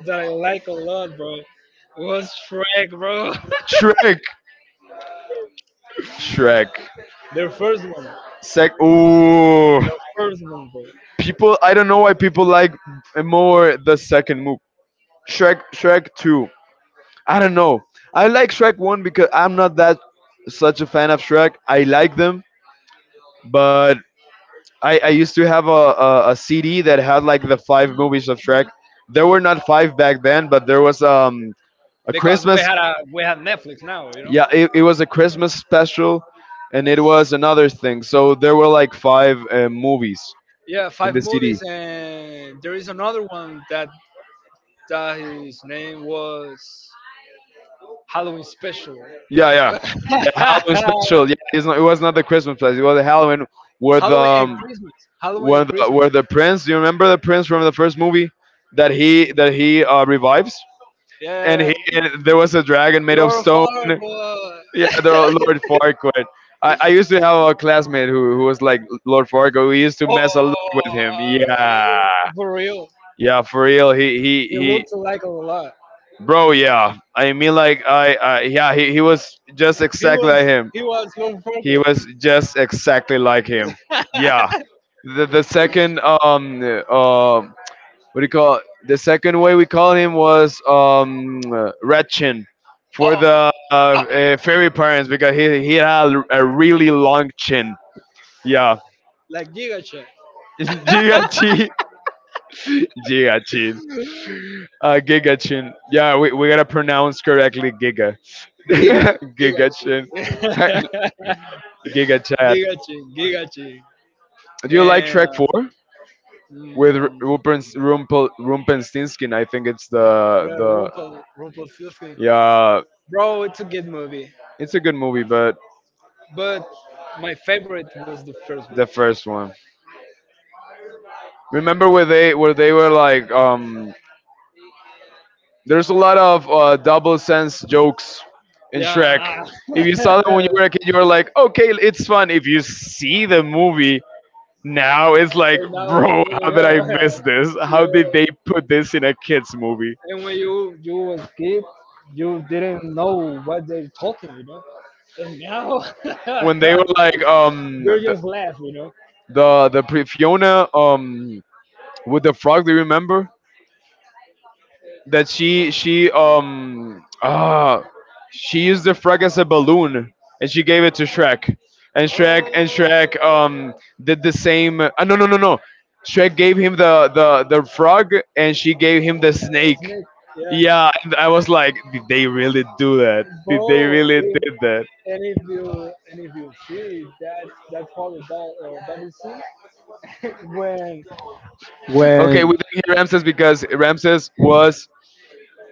B: that I like a lot, bro, was Shrek, bro.
A: Shrek. Shrek.
B: the first one,
A: Sec. Ooh.
B: the first one, bro.
A: People. I don't know why people like more the second move. Shrek. Shrek Two. I don't know. I like Shrek One because I'm not that such a fan of Shrek. I like them, but I used to have a CD that had like the five movies of Shrek. There were not five back then, but there was a
B: Because
A: Christmas,
B: we had Netflix now, you know.
A: yeah, it was a christmas special and it was another thing so there were like five movies
B: Yeah,
A: in
B: five
A: the CD.
B: movies, and there is another one that his name was Halloween Special.
A: Yeah, yeah, the halloween special. Yeah, it was not the christmas special, it was the halloween where the
B: Halloween and Christmas. Halloween
A: where
B: and
A: the
B: Christmas.
A: where the prince you remember the prince from the first movie that he revives
B: Yeah,
A: and
B: yeah,
A: he and there
B: yeah.
A: was a dragon made of
B: Laura
A: stone
B: Farquhar.
A: yeah the lord farquaad. I used to have a classmate who was like Lord Farquaad. We used to mess a lot with him.
B: oh,
A: Yeah.
B: for real.
A: Yeah, for real.
B: He looks like a lot.
A: Bro. Yeah, I mean, like I yeah. He was just
B: He
A: exactly
B: was
A: like him.
B: Laura
A: He
B: Farquhar.
A: was just exactly like him. Yeah. The second what do you call it? The second way we called him was red chin for
B: oh,
A: the fairy parents because he had a really long chin. Yeah.
B: Like Giga Chat.
A: Giga chin. Giga chin. Giga Chin. Yeah, we gotta pronounce correctly Giga.
B: Giga. Giga
A: Giga Chin.
B: Chat.
A: Giga Chat.
B: Giga Chat. Giga Chat.
A: Do you like
B: And
A: Shrek 4 with
B: mm,
A: Rumpens, Rumpel, Rumpelstiltskin? I think it's the
B: Rumpel, Rumpelstiltskin.
A: yeah,
B: Bro, it's a good movie.
A: it's a good movie, but
B: But my favorite was the first one.
A: the first one. Remember where they were like there's a lot of double sense jokes in Shrek.
B: Yeah.
A: If you saw them when you were a kid, you were like, okay, it's fun. If you see the movie, now it's like,
B: and now,
A: bro, how did I miss this? How did they
B: yeah.
A: put this in a kids movie?
B: and when you was kid, you didn't know what they're talking, you know. And now
A: When they were like,
B: you're
A: the
B: just laugh, you know.
A: the, the Fiona, with the frog. Do you remember? That she she used the frog as a balloon and she gave it to Shrek. And Shrek did the same no. Shrek gave him the frog and she gave him
B: And
A: the
B: It's
A: snake.
B: neat, yeah,
A: Yeah, and I was like, did they really do that? Did they
B: bro.
A: really
B: If
A: did that?
B: and if you see that part of that double scene when
A: Okay, we
B: when
A: didn't hear Ramses because Ramses was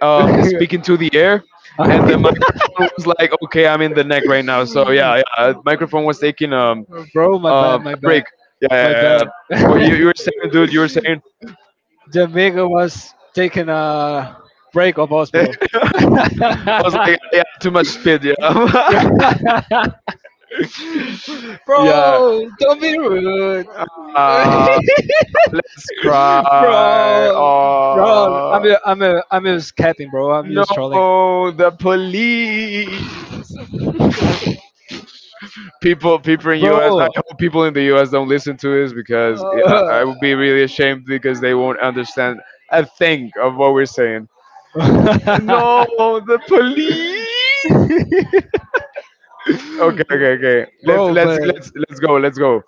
A: speaking to the air, and the microphone was like, "Okay, I'm in the neck right now." So yeah, yeah, microphone was taking
B: bro,
A: a break. Yeah,
B: my
A: yeah, yeah.
B: bad.
A: Yeah. What you were saying, dude? You were saying.
B: Jamaica was taking a break of us, bro.
A: I was like, yeah, too much spit. Yeah,
B: bro,
A: yeah.
B: don't be rude.
A: Uh, let's cry.
B: bro, bro,
A: Oh
B: I'm just capping, bro. I'm just trolling,
A: no, the police. People in US,
B: bro.
A: I hope people in the US don't listen to this because
B: Uh,
A: I would be really ashamed because they won't understand a thing of what we're saying. No, the police. Okay, okay, okay. Let's
B: bro,
A: let's
B: but
A: let's let's go. Let's go.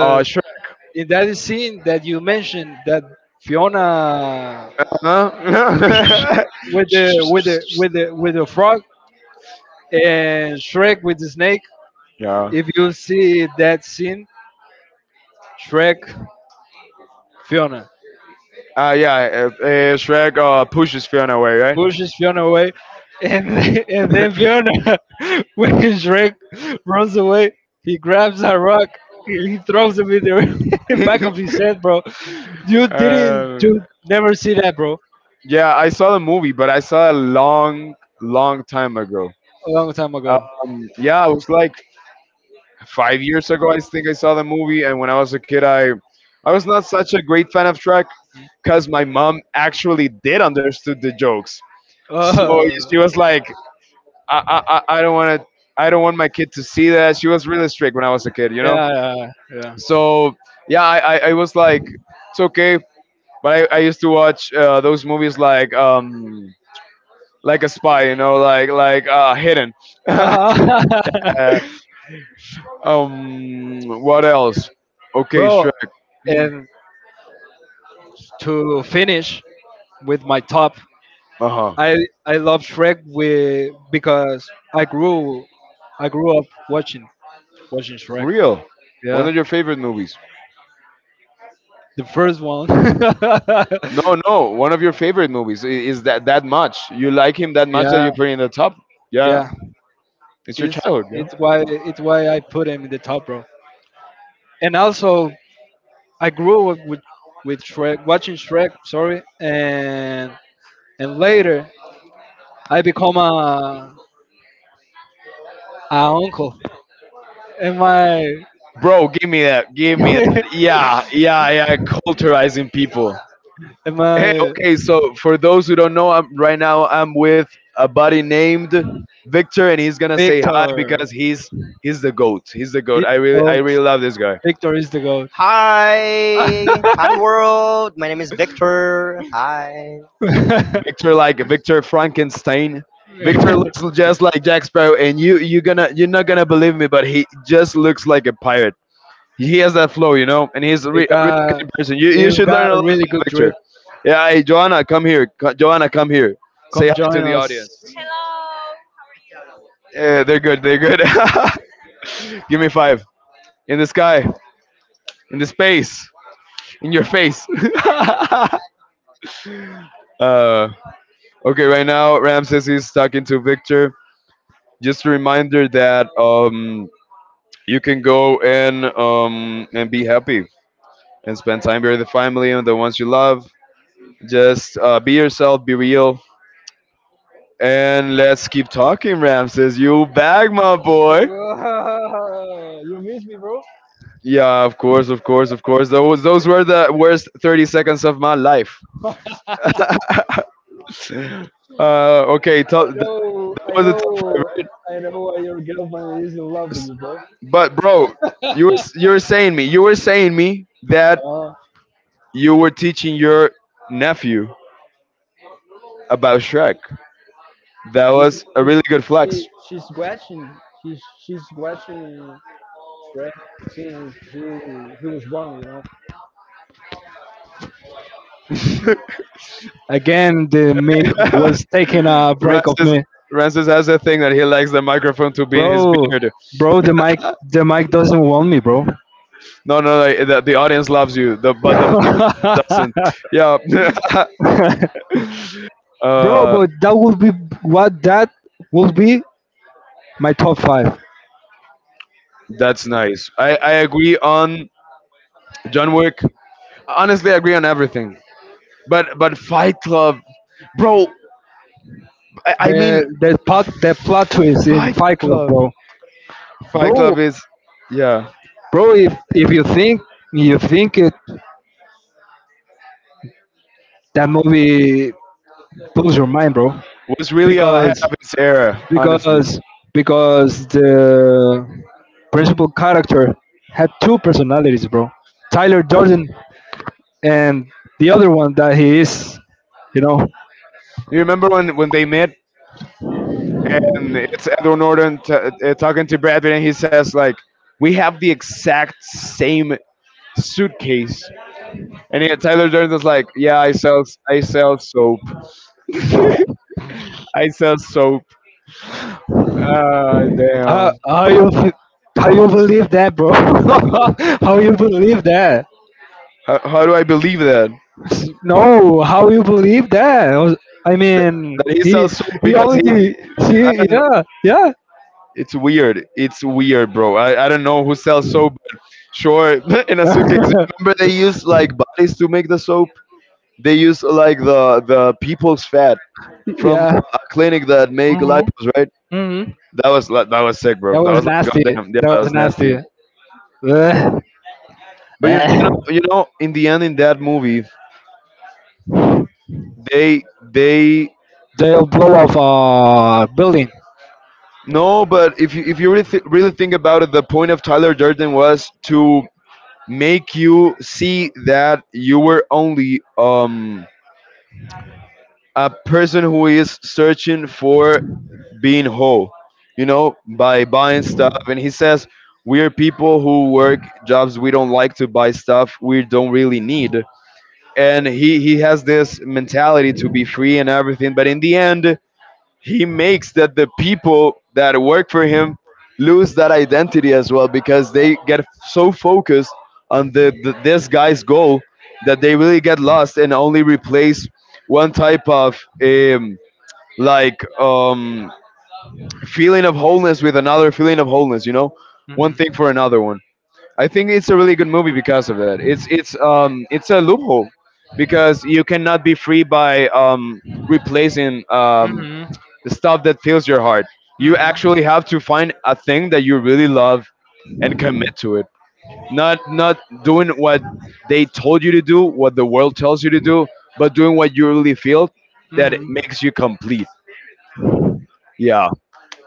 A: Sure.
B: in that scene that you mentioned that Fiona
A: Huh?
B: with the with the with the with the frog And Shrek with the snake.
A: Yeah.
B: If you see that scene, Shrek, Fiona
A: Yeah, Shrek pushes Fiona away, right?
B: pushes Fiona away, and and then Fiona, when Shrek runs away, he grabs a rock. And He throws it in the back of his head, bro.
A: um,
B: You never see that, bro.
A: yeah, I saw the movie, but I saw it a long long time ago.
B: A long time ago.
A: Yeah, it was like 5 years ago. I think I saw the movie, and when I was a kid, I was not such a great fan of Shrek because my mom actually did understood the jokes. So she
B: Oh,
A: was like, I I, I don't want to. I don't want my kid to see
B: Yeah,
A: that. She was really strict when I was a kid, you know.
B: yeah, yeah.
A: So yeah, I was like, it's okay. But I used to watch those movies like a spy, you know, like Hidden.
B: Uh-huh.
A: What else? Okay,
B: Bro,
A: Shrek.
B: and to finish with my top,
A: Uh huh.
B: I I love Shrek with because I grew I grew up watching Shrek.
A: Real. One
B: Yeah,
A: of your favorite movies.
B: the first one.
A: No, no, one of your favorite movies is that that much. You like him that much that
B: yeah,
A: you put in the top. Yeah,
B: yeah.
A: it's your
B: It's
A: childhood. Yeah,
B: it's why I put him in the top, bro. And also, I grew up with Shrek, watching Shrek. Sorry, and later I become a Our uncle and my
A: bro, give me that. Give me that.
B: and
A: Yeah, yeah, yeah. Culturizing people. Hey,
B: my
A: okay. So for those who don't know, I'm right now. I'm with a buddy named Victor, and he's gonna say hi
B: Victor.
A: because he's the goat. He's the goat.
B: He's the
A: I
B: goat.
A: really love this guy.
B: Victor is the goat.
A: Hi, hi world. My name is Victor. Hi. Victor like Victor Frankenstein. Victor looks just like Jack Sparrow, and you're not gonna believe me, but he just looks like a pirate. He has that flow, you know, and he's a,
B: he
A: a really
B: got
A: kind person.
B: he
A: You should learn
B: got
A: a
B: a
A: lot
B: really
A: about
B: good drip.
A: Victor. Yeah, hey Joanna, come here. Joanna, come here. Say
B: Come
A: hi to
B: join
A: the
B: us.
A: audience. Yeah, they're good. They're good. Give me five in the sky, in the space, in your face. uh, Okay, right now Ramses is talking to Victor. Just a reminder that you can go and be happy and spend time with the family and the ones you love. Just be yourself, be real, and let's keep talking, Ramses. You back, my boy.
B: Ah, you miss me, bro.
A: Yeah, of course, of course, of course. Those were the worst 30 seconds of my life. Okay, tell,
B: I
A: that
B: know, I
A: was the top
B: know,
A: five.
B: I know your girlfriend is in love
A: Right?
B: with you, bro.
A: But bro, you were saying me that
B: Uh,
A: you were teaching your nephew about Shrek. That
B: is
A: was a
B: is
A: really good
B: she,
A: flex.
B: she's watching? She's watching. Right? Since he was wrong, you know.
A: Rancis,
B: Again, the mic was taking a break of me,
A: Rancis has a thing that he likes the microphone to be in his
B: bro.
A: beard.
B: Bro, the mic doesn't want me, bro.
A: No, the audience loves you, but the mic doesn't. Yeah,
B: bro,
A: uh,
B: but that would be what that would be my top five.
A: that's nice. I agree on John Wick. Honestly, I agree on everything. But Fight Club, bro. I mean,
B: The plot twist in
A: Fight
B: Fight Club,
A: Club.
B: bro.
A: Fight
B: Bro,
A: Club is, yeah,
B: if you think you think it, that movie blows your mind, bro.
A: was really ahead
B: Because
A: of its era. Honestly,
B: because the principal character had two personalities, bro. Tyler Durden and the other one that he is, you know.
A: you remember when they met and it's Edward Norton talking to Brad Pitt and he says like, "We have the exact same suitcase," and yet Tyler Durden is like, "Yeah, I sell soap. I sell soap. Ah,
B: How
A: damn.
B: you f- how you believe that, bro? how you believe that?
A: How do I believe that?
B: No, how you believe that? I
A: that?
B: mean,
A: That he sells soap
B: he
A: because he."
B: only
A: I
B: see
A: don't.
B: yeah yeah
A: It's weird. It's weird, bro. I don't know who sells soap. But sure, in a suitcase. Remember they use like bodies to make the soap. They use like the people's fat from
B: yeah.
A: a clinic that make
B: Mhm.
A: lipos, right?
B: Mhm.
A: That was that was sick,
B: That
A: bro. That
B: was
A: was like
B: nasty.
A: goddamn, yeah,
B: That
A: that
B: was
A: was
B: nasty.
A: nasty.
B: Ugh.
A: But
B: Eh,
A: you know in the end in that movie they
B: They'll blow off a building.
A: no, but if you really really think about it, the point of Tyler Durden was to make you see that you were only a person who is searching for being whole, you know, by buying stuff. And he says, we are people who work jobs we don't like to buy stuff we don't really need. And he has this mentality to be free and everything. But in the end, he makes that the people that work for him lose that identity as well because they get so focused on the this guy's goal that they really get lost and only replace one type of like feeling of wholeness with another feeling of wholeness, you know, one
B: Mhm.
A: thing for another one. I think it's a really good movie because of that. It's it's a loophole because you cannot be free by replacing
B: Mhm.
A: the stuff that fills your heart. You
B: Mhm.
A: actually have to find a thing that you really love and commit to it. Not doing what they told you to do, what the world tells you to do, but doing what you really feel, that
B: Mhm.
A: makes you complete. Yeah.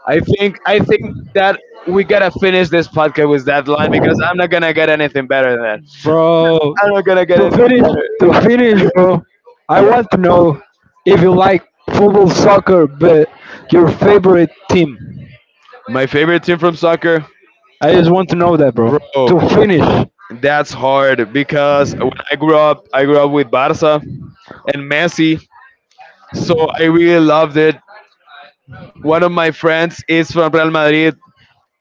A: I think that we gotta finish this podcast with that line because I'm not gonna get anything better than that.
B: Bro,
A: I'm not gonna get
B: to
A: anything
B: finish,
A: better.
B: bro, I
A: Yeah,
B: want to know if you like football, soccer, but your favorite team.
A: my favorite team from soccer,
B: I just want to know that, bro.
A: bro.
B: To finish.
A: That's hard because when I grew up with Barca and Messi, so I really loved it. One of my friends is from Real Madrid,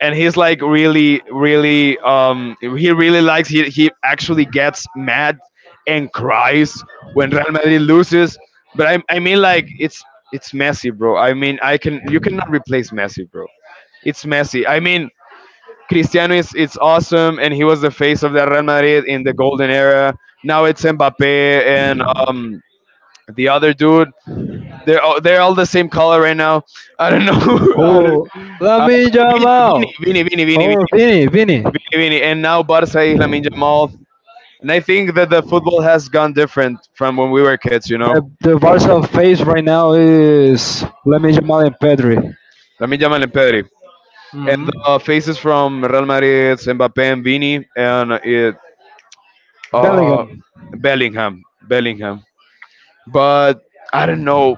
A: and he's like really he really likes he actually gets mad and cries when Real Madrid loses. But I mean, like, it's Messi, bro. I mean, I can you cannot replace Messi, bro. It's Messi. I mean, Cristiano is, it's awesome, and he was the face of the Real Madrid in the golden era. Now it's Mbappe and um the other dude. They're all, they're all the same color right now. I don't know. I don't,
B: Oh, let
A: uh,
B: me jump
A: Vini,
B: out.
A: Vini, Vini, Vini, Vini,
B: Or Vinny, Vinny.
A: Vini, and now Barca is Lamin Yamal. And I think that the football has gone different from when we were kids, you know?
B: The Barca face right now is let me jump out and Pedri.
A: Lamin Yamal and Pedri. And
B: Hmm
A: the faces from Real Madrid, Mbappe and Vini, and it, uh,
B: Bellingham.
A: Bellingham. Bellingham. But I don't know.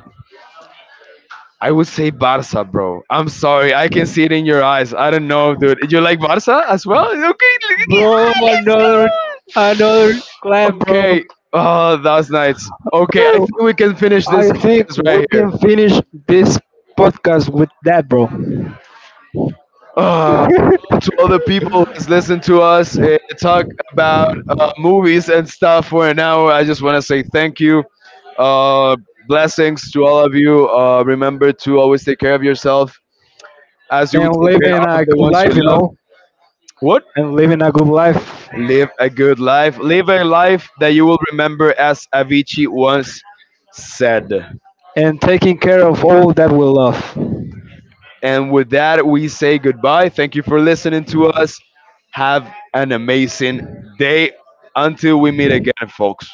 A: I would say Barca, bro. I'm sorry. I can see it in your eyes. I don't know, dude. You like Barca as well? Okay,
B: Bro,
A: yeah, let's
B: another
A: go.
B: clap, bro.
A: Okay. Oh, that was nice. Okay, I
B: Bro,
A: think we can finish
B: I
A: this
B: think
A: podcast
B: we
A: right here.
B: can finish this podcast with that, bro.
A: Uh, to all the people who's listened to us talk about movies and stuff for an hour, I just want to say thank you. Uh, Blessings to all of you. Remember to always take care of yourself as you
B: and
A: would take care
B: living
A: of
B: a
A: the
B: good
A: ones you
B: life, you
A: love.
B: know,
A: What?
B: and living a good life
A: Live a good life. Live a life that you will remember, as Avicii once said.
B: and taking care of all that we love.
A: And with that, we say goodbye. Thank you for listening to us. Have an amazing day. Until we meet again, folks.